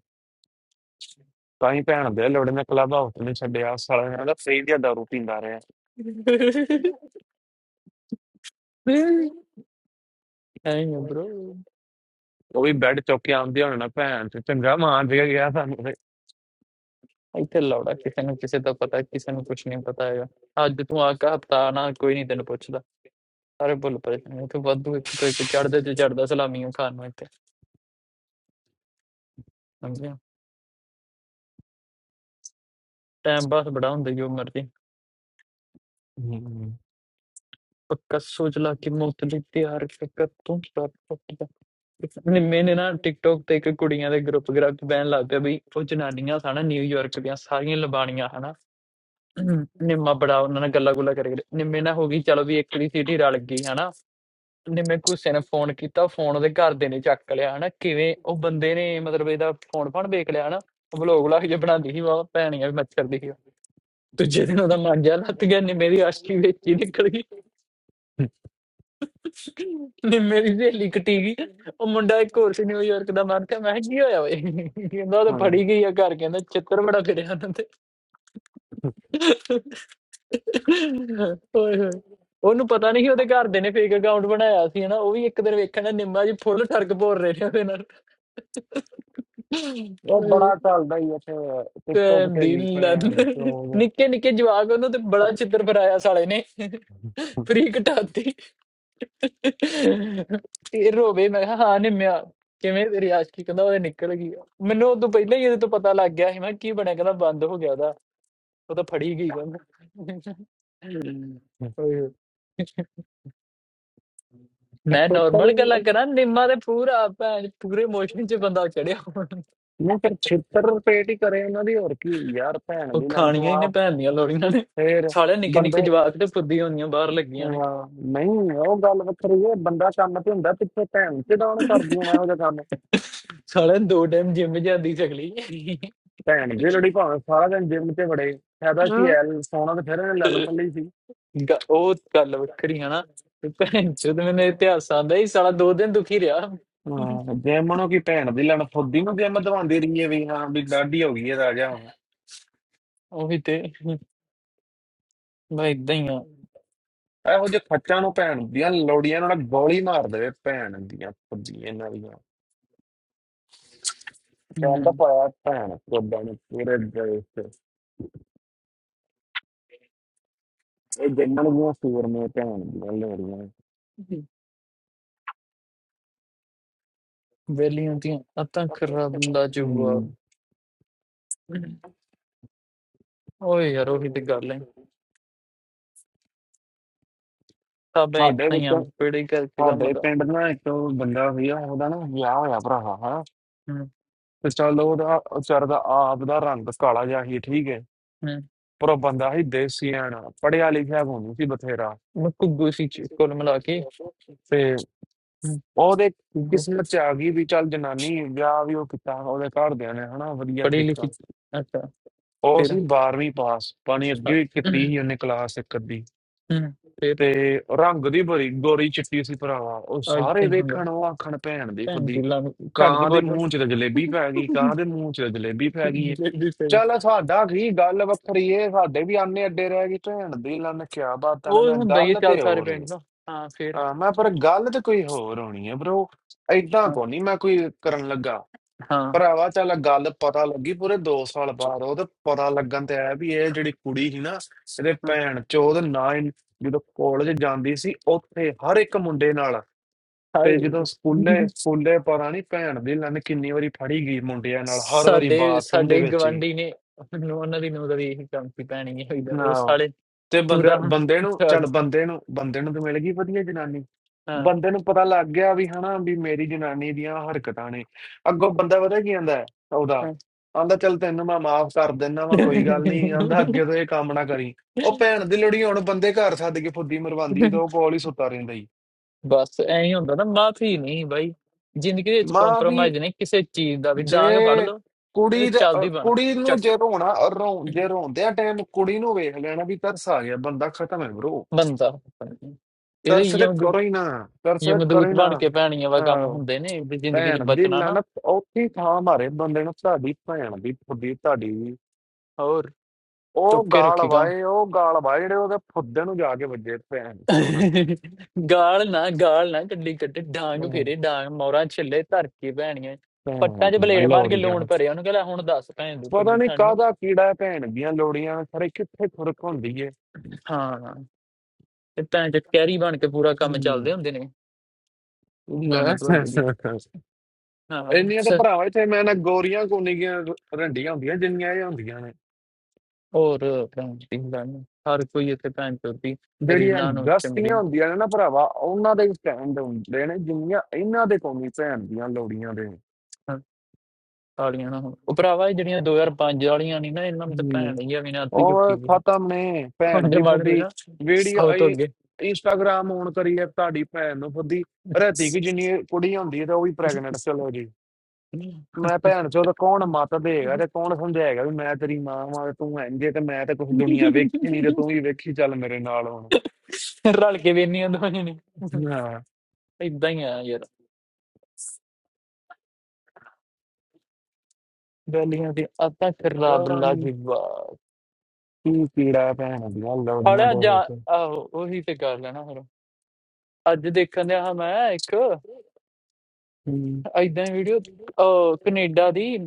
S2: ਤਾਂ ਹੀ ਭੈਣ ਦੇ ਲੋੜੇ ਨੇ ਕਲੱਬ ਹਾਊਸ ਨਹੀਂ ਛੱਡਿਆ ਸਾਲਾ ਕਹਿੰਦਾ ਫ੍ਰੀ ਦੀ ਦਾਰੂ ਪੀਂਦਾ ਰਿਹਾ
S1: ਨਹੀਂ ਬ్రో
S2: ਉਹ ਵੀ ਬੈੱਡ ਚੁੱਕ ਕੇ ਆਉਂਦੇ ਹੋਣੇ ਨਾ ਭੈਣ ਤੇ ਚੰਗਾ ਮਾਰ ਦੇ ਗਿਆ ਸਾਨੂੰ ਤੇ
S1: ਇੱਥੇ ਲੌੜਾ ਕਿਸੇ ਨੂੰ ਕਿਸੇ ਦਾ ਪਤਾ ਕਿਸੇ ਨੂੰ ਕੁਝ ਨਹੀਂ ਪਤਾ ਹੈਗਾ ਅੱਜ ਤੂੰ ਆ ਕੇ ਹਫਤਾ ਨਾ ਕੋਈ ਨਹੀਂ ਤੈਨੂੰ ਪੁੱਛਦਾ ਸਾਰੇ ਭੁੱਲ ਪਰੇ ਤੈਨੂੰ ਇੱਥੇ ਵਾਧੂ ਇੱਕ ਤੋਂ ਇੱਕ ਚੜਦੇ ਤੇ ਚੜਦਾ ਸਲਾਮੀਆਂ ਖਾਣ ਨੂੰ ਇੱਥੇ ਸਮਝਿਆ ਟਾਈਮ ਪਾਸ ਬੜਾ ਹੁੰਦਾ ਜੋ ਮਰਜ਼ੀ
S2: ਹਮ,
S1: पक्का सोच ला कि ਮੁਕਤ ਦੀ ਤਿਆਰ ਫਿਕਰ ਤੋਂ ਪ੍ਰਾਪਤ ਨਿੰਮੇ ਨੇ ਮੈਨੇ ਨਾ ਟਿਕਟੋਕ ਤੇ ਇੱਕ ਕੁੜੀਆਂ ਦੇ ਗਰੁੱਪ ਗਰੁੱਪ ਬੈਣ ਲੱਗ ਪਿਆ ਵੀ ਉਹ ਜਨਾਨੀਆਂ ਸਾਨਾ ਨਿਊਯਾਰਕ ਦੀਆਂ ਸਾਰੀਆਂ ਲਬਾਣੀਆਂ ਹਨਾ ਨਿੰਮਾ ਬੜਾ ਉਹਨਾਂ ਨਾਲ ਗੱਲਾਂ ਗੁੱਲਾਂ ਕਰੇ ਕਰੇ ਨਿੰਮੇ ਨਾਲ ਹੋ ਗਈ ਚਲੋ ਵੀ ਇੱਕ ਦੀ ਸਿਟੀ ਰਲ ਗਈ ਹਨਾ ਨਿੰਮੇ ਗੁੱਸੇ ਨੇ ਫੋਨ ਕੀਤਾ ਫੋਨ ਉਹਦੇ ਘਰ ਦੇ ਨੇ ਚੱਕ ਲਿਆ ਹਨਾ ਕਿਵੇਂ ਉਹ ਬੰਦੇ ਨੇ ਮਤਲਬ ਇਹਦਾ ਫੋਨ ਫਾਨ ਵੇਖ ਲਿਆ ਹਨਾ ਵਲੋਗ ਲਾ ਕੇ ਬਣਾਉਂਦੀ ਸੀ ਵਾਹ ਭੈਣੀਆਂ ਵੀ ਮੱਛਰ ਦੀ ਸੀ ਉਹ। ਦੂਜੇ ਦਿਨ ਉਹਦਾ ਮਾਂਜਾ ਲੱਤ ਗਿਆ ਨਿੰਮੇ ਦੀ ਆਸ਼ਕੀ ਵਿੱਚ ਹੀ ਨਿਕਲ ਗਈ ਨੇ ਮੇਰੀ ਸਹੇਲੀ ਕਟੀ ਗਈ ਉਹ ਮੁੰਡਾ ਇੱਕ ਹੋਰ ਸੀ ਨਿਊਯਾਰਕ ਦਾ ਮੈਂ ਕਿਹਾ ਮੈਂ ਕਿਹਾ ਕੀ ਹੋਇਆ ਓਏ ਕਹਿੰਦਾ ਉਹ ਤਾਂ
S2: ਹਮ।
S1: ਫੜੀ ਗਈ ਆ ਘਰ ਕਹਿੰਦਾ ਚਿੱਤਰ ਬੜਾ ਫਿਰਿਆ ਉਹਨਾਂ ਤੇ ਓਏ ਹੋਏ ਉਹਨੂੰ ਪਤਾ ਨਹੀਂ ਸੀ ਉਹਦੇ ਘਰ ਦੇ ਨੇ ਫੇਕ ਅਕਾਊਂਟ ਬਣਾਇਆ ਸੀ ਹਨਾ ਉਹ ਵੀ ਇੱਕ ਦਿਨ ਵੇਖਣਾ ਨਿੰਮਾ ਜੀ ਫੁੱਲ ਠਰਕ ਭੋਰ ਰਹੇ ਨੇ ਉਹਦੇ ਨਾਲ
S2: ਉਹ
S1: ਓਏ
S2: ਬੜਾ ਚੱਲਦਾ ਹੀ ਇੱਥੇ ਟਿਕਟੋਕ
S1: ਭੈਣ
S2: ਤੇ
S1: ਦੀ
S2: ਵੀ ਭੈਣ
S1: ਲੰਨ
S2: ਚੋ
S1: ਨਿੱਕੇ ਨਿੱਕੇ ਜਵਾਕ ਉਹਨੂੰ ਤੇ ਬੜਾ ਚਿੱਤਰ ਫਰਾਇਆ ਸਾਲੇ ਨੇ ਫਰੀ ਘਟਾਤੀ ਫਿਰ ਰੋਵੇ ਮੈਂ ਕਿਹਾ ਹਾਂ ਨਿੰਮਿਆ ਕਿਵੇਂ ਤੇਰੀ ਆਸ਼ਕੀ ਕਹਿੰਦਾ ਉਹਦੇ ਨਿਕਲ ਗਈ ਆ। ਮੈਨੂੰ ਉਦੋਂ ਪਹਿਲਾਂ ਹੀ ਇਹਦੇ ਤੋਂ ਪਤਾ ਲੱਗ ਗਿਆ ਸੀ ਮੈਂ ਕੀ ਬਣਿਆ ਕਹਿੰਦਾ ਬੰਦ ਹੋ ਗਿਆ ਉਹਦਾ ਉਹ ਤਾਂ ਫੜੀ ਗਈ ਕਹਿੰਦਾ ਓਏ ਹੋਏ। ਮੈਂ
S2: ਟਿਕਟੋਕਰ
S1: ਨਾਰਮਲ ਗੱਲਾਂ ਕਰਾਂ ਨਿੰਮਾ ਤੇ ਪੂਰਾ ਭੈਣ ਪੂਰੇ ਇਮੋਸ਼ਨ 'ਚ ਬੰਦਾ ਚੜਿਆ ਹੋਣਾ
S2: ਨੂੰ ਫਿਰ ਛਿੱਤਰ ਪੇਟ ਹੀ ਕਰੇ ਉਹਨਾਂ ਦੀ ਹੋਰ ਕੀ ਯਾਰ ਭੈਣ
S1: ਉਹ
S2: ਦੀ ਲੰਨ ਤੋਂ
S1: ਖਾਣੀਆਂ ਹੀ
S2: ਆ
S1: ਨੇ ਭੈਣ ਦੀਆਂ ਲੋੜੀਆਂ ਨੇ
S2: ਫੇਰ
S1: ਸਾਲੇ ਨਿੱਕੇ ਨਿੱਕੇ
S2: ਬੰਦੇ
S1: ਜਵਾਕ ਤੇ ਫੁੱਦੀ ਹੁੰਦੀਆਂ ਬਾਹਰ ਲੱਗੀਆਂ ਨੇ
S2: ਅਹ, ਨਹੀਂ ਉਹ ਗੱਲ ਵੱਖਰੀ ਹੈ ਬੰਦਾ ਕੰਮ ਤੇ ਹੁੰਦਾ ਪਿੱਛੇ ਭੈਣ ਤੇ ਡਾਉਣ ਕਰਦੀ ਮੈਂ ਇਹੋ ਜਿਹਾ
S1: ਸਾਲੇ ਦੋ
S2: ਕੰਮ
S1: ਟਾਈਮ ਜਿਮ ਜਾਂਦੀ ਸਗਲੀ
S2: ਭੈਣ ਦੇ ਲੜੀ ਭਾਵੇਂ ਸਾਰਾ ਦਿਨ ਜਿਮ ਤੇ ਵੜੇ ਫਾਇਦਾ ਕੀ ਹੈ ਸੋਨਾ ਤਾਂ ਫਿਰ ਇਹਨੇ ਲੈਣਾ ਥੱਲੇ ਹੀ ਸੀ
S1: ਗ- ਉਹ ਗੱਲ ਵੱਖਰੀ ਹੈ ਨਾ ਤੇ ਭੈਣ ਚੋਦ ਮੈਨੂੰ ਇਤਿਹਾਸ ਆਂਦਾ ਹੀ ਸਾਲਾ ਦੋ ਦਿਨ ਦੁਖੀ ਰਿਹਾ
S2: ਹਾਂ ਜਿਮ ਨੂੰ ਕੀ ਭੈਣ ਦੀ ਲੈਣ ਫੁੱਦੀ ਨੂੰ ਜਿਮ ਦਵਾਉਂਦੀ ਰਹੀ ਹੈ ਵੀ ਹਾਂ ਵੀ ਲਾਡੀ ਹੋ ਗਈ ਹੈ ਰਾਜਾ ਹੁਣ
S1: ਉਹੀ ਤੇ ਮੈਂ ਇਦਾਂ ਹੀ ਆ
S2: ਇਹੋ ਜਿਹੇ ਖੱਚਾਂ ਨੂੰ ਭੈਣ ਦੀਆਂ ਲੋੜੀਆਂ ਨਾਲ ਗੋਲੀ ਮਾਰ ਦੇਵੇ ਭੈਣ ਦੀਆਂ ਫੁੱਦੀਆਂ ਇਹਨਾਂ ਦੀਆਂ ਕੰਮ ਤਾਂ ਪਾਇਆ ਭੈਣ ਕੋਦਾਂ ਨੂੰ ਪੂਰੇ ਦੇਸ਼ ਤੇ ਇਹ ਜਿੰਨਾਂ ਨੂੰ ਸੂਰ ਨੇ ਭੈਣ ਦੀਆਂ ਲੋੜੀਆਂ
S1: ਵੇਲੀਆਂ ਦੀਆਂ ਅੱਤਾਂ ਖਰਾਬ ਲਾ ਜੂਆ
S2: ਹੂੰ
S1: ਓਏ ਯਾਰ ਉਹੀ ਤੇ ਗੱਲ ਹੈ ਤਾਂ ਮੈਂ
S2: ਸਾਡੇ
S1: ਇਦਾਂ
S2: ਵਿੱਚ
S1: ਹੀ ਆ ਬੇੜੇ ਕਰਕੇ ਕੰਮ
S2: ਸਾਡੇ
S1: ਦਾ
S2: ਪਿੰਡ ਨਾ ਇੱਕ ਬੰਦਾ ਸੀਗਾ ਉਹਦਾ ਨਾ ਵਿਆਹ ਹੋਇਆ ਭਰਾਵਾ ਹਾਂ
S1: ਹਮ,
S2: ਤੇ ਚੱਲ ਉਹਦਾ ਵਿਚਾਰੇ ਦਾ ਆਪ ਦਾ ਰੰਗ ਕਾਲਾ ਜਿਹਾ ਸੀ ਠੀਕ ਹੈ
S1: ਹਮ।
S2: ਪਰ ਉਹ ਬੰਦਾ ਸੀ ਦੇਸੀ ਐਨ ਪੜਿਆ ਲਿਖਿਆ ਹੋਣੀ ਸੀ ਬਥੇਰਾ
S1: ਮੈਂ ਕੁੱਗੂ ਸੀ ਚ ਕੋਲ ਮਿਲਾ ਕੇ
S2: ਤੇ
S1: ਹਮ,
S2: ਉਹਦੇ
S1: ਕੁੱਗੂ
S2: ਕਿਸਮਤ ਚ ਆ ਗਈ ਵੀ ਚੱਲ ਜਨਾਨੀ ਵਿਆਹ ਵੀ ਉਹ ਕੀਤਾ ਉਹਦੇ ਘਰਦਿਆਂ ਨੇ ਹਨਾ ਵਧੀਆ
S1: ਪੜ੍ਹੀ ਲਿਖੀ
S2: ਤਰੀਕਾ
S1: ਅੱਛਾ
S2: ਉਹ
S1: ਫਿਰ
S2: ਸੀ
S1: ਆ-
S2: 12ਵੀਂ ਪਾਸ ਪਾਣੀ ਅੱਗੇ ਵੀ ਕੀਤੀ ਸੀ ਉਹਨੇ ਕਲਾਸ ਇੱਕ ਅੱਧੀ
S1: ਹਮ, ਫਿਰ
S2: ਤੇ ਰੰਗ ਦੀ ਬੜੀ ਗੋਰੀ ਚਿੱਟੀ ਸੀ ਭਰਾਵਾ ਉਹ
S1: ਅੱਜ
S2: ਸਾਰੇ
S1: ਤੇ ਹੁਣ
S2: ਵੇਖਣ ਉਹ ਆਖਣ ਭੈਣ ਦੀ
S1: ਭੈਣ ਦੀ
S2: ਫੁੱਦੀ
S1: ਲਾ ਛੱਡ ਦੀ
S2: ਕਾਂ ਦੇ
S1: ਬੋਲ
S2: ਮੂੰਹ 'ਚ ਤਾਂ ਜਲੇਬੀ ਪੈ ਗਈ ਕਾਂ ਦੇ ਮੂੰਹ 'ਚ ਤਾਂ ਜਲੇਬੀ ਪੈ ਗਈ ਏ
S1: ਜਿਹੜੀ ਸਹੀ
S2: ਚੱਲ ਸਾਡਾ ਕੀ ਗੱਲ ਵੱਖਰੀ ਏ ਸਾਡੇ ਵੀ ਆਨੇ ਅੱਡੇ ਰਹਿ ਗਈ ਭੈਣ ਦੀ ਲੰਨ ਕਿਆ ਬਾਤਾਂ ਨੇ
S1: ਉਹ
S2: ਮੈਂ
S1: ਹੁੰਦਾ ਹੀ ਹੈ,
S2: ਗੱਲ
S1: ਚੱਲ
S2: ਤੇ
S1: ਸਾਰੇ
S2: ਹੋਰ ਏ
S1: ਪਿੰਡ ਦਾ ਹਾਂ ਫਿਰ
S2: ਆ ਮੈਂ ਪਰ ਗੱਲ ਤੇ ਕੋਈ ਹੋਰ ਹੋਣੀ ਏ ਬ్రో ਐਦਾਂ
S1: ਹਾਂ
S2: ਕੋ ਨਹੀਂ ਮੈਂ ਕੋਈ ਕਰਨ ਲੱਗਾ
S1: ਹਾਂ
S2: ਭਰਾਵਾ ਚੱਲ ਗੱਲ ਪਤਾ ਲੱਗੀ ਪੂਰੇ 2 ਸਾਲ ਬਾਅਦ ਉਹਦੇ ਪਤਾ ਲੱਗਣ ਤੇ ਆਇਆ ਵੀ ਇਹ ਜਿਹੜੀ ਕੁੜੀ ਸੀ ਨਾ ਇਹਦੇ
S1: ਹਾਂ।
S2: ਭੈਣ ਚੋਦ ਨਾ ਹੀ- ਜਦੋਂ ਕਾਲਜ ਜਾਂਦੀ ਸੀ ਉੱਥੇ ਹਰ ਇੱਕ ਮੁੰਡੇ ਨਾਲ ਤੇ ਜਦੋਂ
S1: ਹਾਏ
S2: ਸਕੂਲੇ ਸਕੂਲੇ ਪਤਾ ਨਹੀਂ ਭੈਣ ਦੀ ਲੰਨ ਕਿੰਨੀ ਵਾਰੀ ਫੜੀ ਗਈ ਮੁੰਡਿਆਂ ਨਾਲ ਹਰ ਵਾਰੀ
S1: ਸਾਡੇ
S2: ਬਾਥਰੂਮ ਦੇ
S1: ਸਾਡੇ
S2: ਵਿੱਚ ਹੀ
S1: ਗਵਾਂਢੀ ਨੇ ਮੈਨੂੰ ਉਹਨਾਂ ਦੀ ਨੂੰਹ ਦਾ ਵੀ ਇਹੀ ਕੰਮ ਸੀ ਭੈਣੀ ਇਹ ਹੋਈਦਾ
S2: ਨਾ
S1: ਉਹ ਸਾਲੇ
S2: ਤੇ ਬੰਦਾ
S1: ਪੂਰਾ
S2: ਬੰਦੇ ਨੂੰ
S1: ਛੱਡ
S2: ਚੱਲ ਬੰਦੇ ਨੂੰ ਬੰਦੇ ਨੂੰ ਤਾਂ ਮਿਲ ਗਈ ਵਧੀਆ ਜਨਾਨੀ
S1: ਹਾਂ
S2: ਬੰਦੇ ਨੂੰ ਪਤਾ ਲੱਗ ਗਿਆ ਵੀ ਹਨਾ ਵੀ ਮੇਰੀ ਜਨਾਨੀ ਦੀਆਂ ਹਰਕਤਾਂ ਨੇ ਅੱਗੋਂ ਬੰਦਾ ਪਤਾ ਕੀ ਕਹਿੰਦਾ ਹੈ ਉਹਦਾ
S1: ਹਾਂ।
S2: ਆਂਦਾ ਚੱਲ ਤੈਨੂੰ ਮੈਂ ਮਾਫ ਕਰ ਦਿੰਦਾ ਵਾ ਕੋਈ ਗੱਲ ਨਹੀਂ ਆਂਦਾ ਅੱਗੇ ਤੋਂ ਇਹ ਕੰਮ ਨਾ ਕਰੀ ਉਹ ਭੈਣ ਦੀ ਲੋੜੀ ਹੁਣ ਬੰਦੇ ਘਰ ਸੱਦ ਕੇ ਫੁੱਦੀ ਮਰਵਾਉਂਦੀ ਹੈ ਤੇ ਉਹ ਕੋਲ ਹੀ ਸੁੱਤਾ ਰਹਿੰਦਾ ਹੀ
S1: ਬਸ ਐਂ ਹੀ ਹੁੰਦਾ ਨਾ ਮਾਫੀ ਨਹੀਂ ਬਾਈ ਜ਼ਿੰਦਗੀ ਦੇ ਵਿੱਚ
S2: ਮਾਫੀ
S1: ਕੰਪਰੋਮਾਈਜ਼ ਨਹੀਂ ਕਿਸੇ ਚੀਜ਼ ਦਾ ਵੀ ਡਾਂਗ ਫੜ
S2: ਜੇ
S1: ਲਓ ਇਹ
S2: ਕੁੜੀ ਦਾ
S1: ਚੱਲਦੀ
S2: ਅ,
S1: ਬਣ
S2: ਕੁੜੀ ਨੂੰ
S1: ਚੱਕ
S2: ਜੇ ਰੋਣਾ ਅ, ਰੋ ਜੇ ਰੋਂਦਿਆਂ ਟਾਈਮ ਕੁੜੀ ਨੂੰ ਵੇਖ ਲੈਣਾ ਵੀ ਤਰਸ ਆ ਗਿਆ ਬੰਦਾ ਖਤਮ ਹੈ ਬ్రో
S1: ਬੰਦਾ ਇਹਦੇ
S2: ਤਰਸ ਤੇ
S1: ਯਮਦੂ
S2: ਕਰੋ ਹੀ ਨਾ ਤਰਸ ਤੇ ਕਰੋ
S1: ਯਮਦੂਤ
S2: ਹੀ
S1: ਬਣ ਕੇ ਭੈਣੀਆਂ ਵਾ ਕੰਮ
S2: ਨਾ
S1: ਹੁੰਦੇ ਨੇ ਵੀ ਜ਼ਿੰਦਗੀ 'ਚ
S2: ਭੈਣ ਦੀ
S1: ਬਚਣਾ ਨਾ
S2: ਲਾਣਤ ਔਖੀ ਥਾਂ ਮਾਰੇ ਬੰਦੇ ਨੂੰ ਤੁਹਾਡੀ ਭੈਣ ਦੀ ਫੁੱਦੀ ਤੁਹਾਡੀ
S1: और
S2: ਉਹ
S1: चुप के
S2: ਗਾਲ
S1: रखेगा
S2: ਵਾਏ ਉਹ ਗਾਲ ਵਾਏ ਜਿਹੜੇ ਉਹਦੇ ਫੁੱਦੇ ਨੂੰ ਜਾ ਕੇ ਵੱਜੇ ਭੈਣ ਚੋਦਨ
S1: ਗਾਲ ਨਾ ਗਾਲ ਨਾ ਕੱਢੀ ਕੱਢੇ ਡਾਂਗ
S2: ਉਹ
S1: ਫੇਰੇ ਡਾਂਗ ਮੌਰਾ ਛਿੱਲੇ ਧਰ ਕੇ ਭੈਣੀਆਂ
S2: ਭੈਣਾਂ
S1: ਪੱਟਾਂ 'ਚ
S2: ਦੀਆਂ
S1: ਬਲੇਡ ਮਾਰ ਕੇ ਲੂਣ
S2: ਲੋੜੀਆਂ
S1: ਭਰਿਆ ਉਹਨੂੰ ਕਹਿੰਦਾ ਹੁਣ ਦੱਸ ਭੈਣ ਦੀ
S2: ਪਤਾ
S1: ਕੱਢੀ
S2: ਨਹੀਂ
S1: ਖਾਣੀ ਹੈ
S2: ਕਾਹਦਾ ਕੀੜਾ ਹੈ ਭੈਣ ਦੀਆਂ ਲੋੜੀਆਂ ਖਰੇ ਕਿੱਥੇ ਖੁਰਕ ਹੁੰਦੀ ਏ
S1: ਹਾਂ ਤੇ ਭੈਣ ਚ ਕੈਰੀ ਬਣ ਕੇ ਪੂਰਾ ਕੰਮ
S2: ਹਮ।
S1: ਚੱਲਦੇ ਹੁੰਦੇ ਨੇ ਉਹਦੀ
S2: ਹੈਂ।
S1: ਲੰਨ ਤੁਹਾਡੇ ਦੀ ਹਾਂ
S2: ਇੰਨੀਆਂ ਤਾਂ
S1: ਸਰ
S2: ਭਰਾਵਾ ਇੱਥੇ ਮੈਂ ਨਾ ਗੋਰੀਆਂ ਕੋਨੀਆਂ ਰੰਡੀਆਂ ਹੁੰਦੀਆਂ ਜਿੰਨੀਆਂ ਇਹ ਹੁੰਦੀਆਂ ਨੇ
S1: ਹੋਰ ਭੈਣ ਦੀ ਲੰਨ ਹਰ ਕੋਈ ਇੱਥੇ ਭੈਣ ਚੋਦੀ
S2: ਜਿਹੜੀਆਂ
S1: ਰੀਲਾਂ ਨੂੰ
S2: ਗਸਤੀਆਂ
S1: ਚਮੜੀ
S2: ਹੁੰਦੀਆਂ ਨੇ ਨਾ ਭਰਾਵਾ ਉਹਨਾਂ ਦੇ ਸਟੈਂਡ ਹੁੰਦੇ ਨੇ ਜਿੰਨੀਆਂ ਇਹਨਾਂ ਦੇ ਕੋਨੀ ਭੈਣ ਦੀਆਂ ਲੋੜੀਆਂ ਦੇ
S1: ਹਾਂ, ਤਾਲੀਆਂ ਨਾ ਹੁਣ ਉਹ ਭਰਾਵਾ ਇਹ ਜਿਹੜੀਆਂ 2005 ਵਾਲੀਆਂ ਨਹੀਂ ਨਾ ਇਹਨਾਂ ਨੂੰ ਤਾਂ
S2: ਹਮ,
S1: ਭੈਣ ਹੀ ਆ ਵੀ ਨਾ ਅੱਤੀ ਚੁੱਕੀ
S2: ਉਹ
S1: ਵੀ
S2: ਖਤਮ ਨੇ ਭੈਣ
S1: ਹੁਣ
S2: ਦੀ
S1: ਮਾਡਲ
S2: ਫੁੱਦੀ
S1: ਨਾ
S2: ਵੀਡੀਓ
S1: ਸਭ ਤੋਂ
S2: ਇੰਸਟਾਗ੍ਰਾਮ ਔਨ ਕਰੀਏ ਤੁਹਾਡੀ ਭੈਣ ਨੂੰ ਫੁੱਦੀ ਰਹਿਤੀ
S1: ਅੱਗੇ
S2: ਕਿ ਜਿੰਨੀ ਕੁੜੀ ਹੁੰਦੀ ਹੈ ਤਾਂ ਉਹ ਵੀ ਪ੍ਰੈਗਨੈਂਟ ਚਲੋ ਜੀ ਮੈਂ ਭੈਣ ਚੋਦ ਕੌਣ ਮਤ ਦੇਗਾ ਤੇ ਕੌਣ ਸਮਝਾਏਗਾ ਵੀ ਮੈਂ ਤੇਰੀ ਮਾਂ ਵਾਂ ਤੂੰ ਇੰਜੇ ਤੇ ਮੈਂ ਤਾਂ ਕੁਝ ਦੁਨੀਆ ਵੇਖੀ ਨਹੀਂ ਤੇ ਤੂੰ ਵੀ ਵੇਖੀ ਚੱਲ ਮੇਰੇ ਨਾਲ ਹੁਣ
S1: ਰਲ ਕੇ ਵੇਨੀਆਂ ਦੋਵਾਂ ਨੇ
S2: ਹਾਂ
S1: ਇਦਾਂ ਹੀ ਆ ਯਾਰ ਵੈਲੀਆਂ ਦੀ ਆਤਾ ਖਰਾਬ
S2: ਪਤਾ ਨਹੀਂ
S1: ਲਾਜਵਾ
S2: ਕੀ ਕੀੜਾ ਭੈਣ ਦੀਆਂ ਲੋੜੀਆਂ
S1: ਹਲਿਆ
S2: ਦੇ
S1: ਜਾ
S2: ਵਿੱਚ
S1: ਆਹੋ ਉਹੀ ਤੇ ਕਰ ਲੈਣਾ ਫਿਰ ਅੱਜ ਦੇਖਣ ਦਿਆ ਹਾਂ ਮੈਂ ਇੱਕ ਏਦਾਂ ਹੀ ਵੀਡੀਓ ਕੈਨੇਡਾ ਦੀ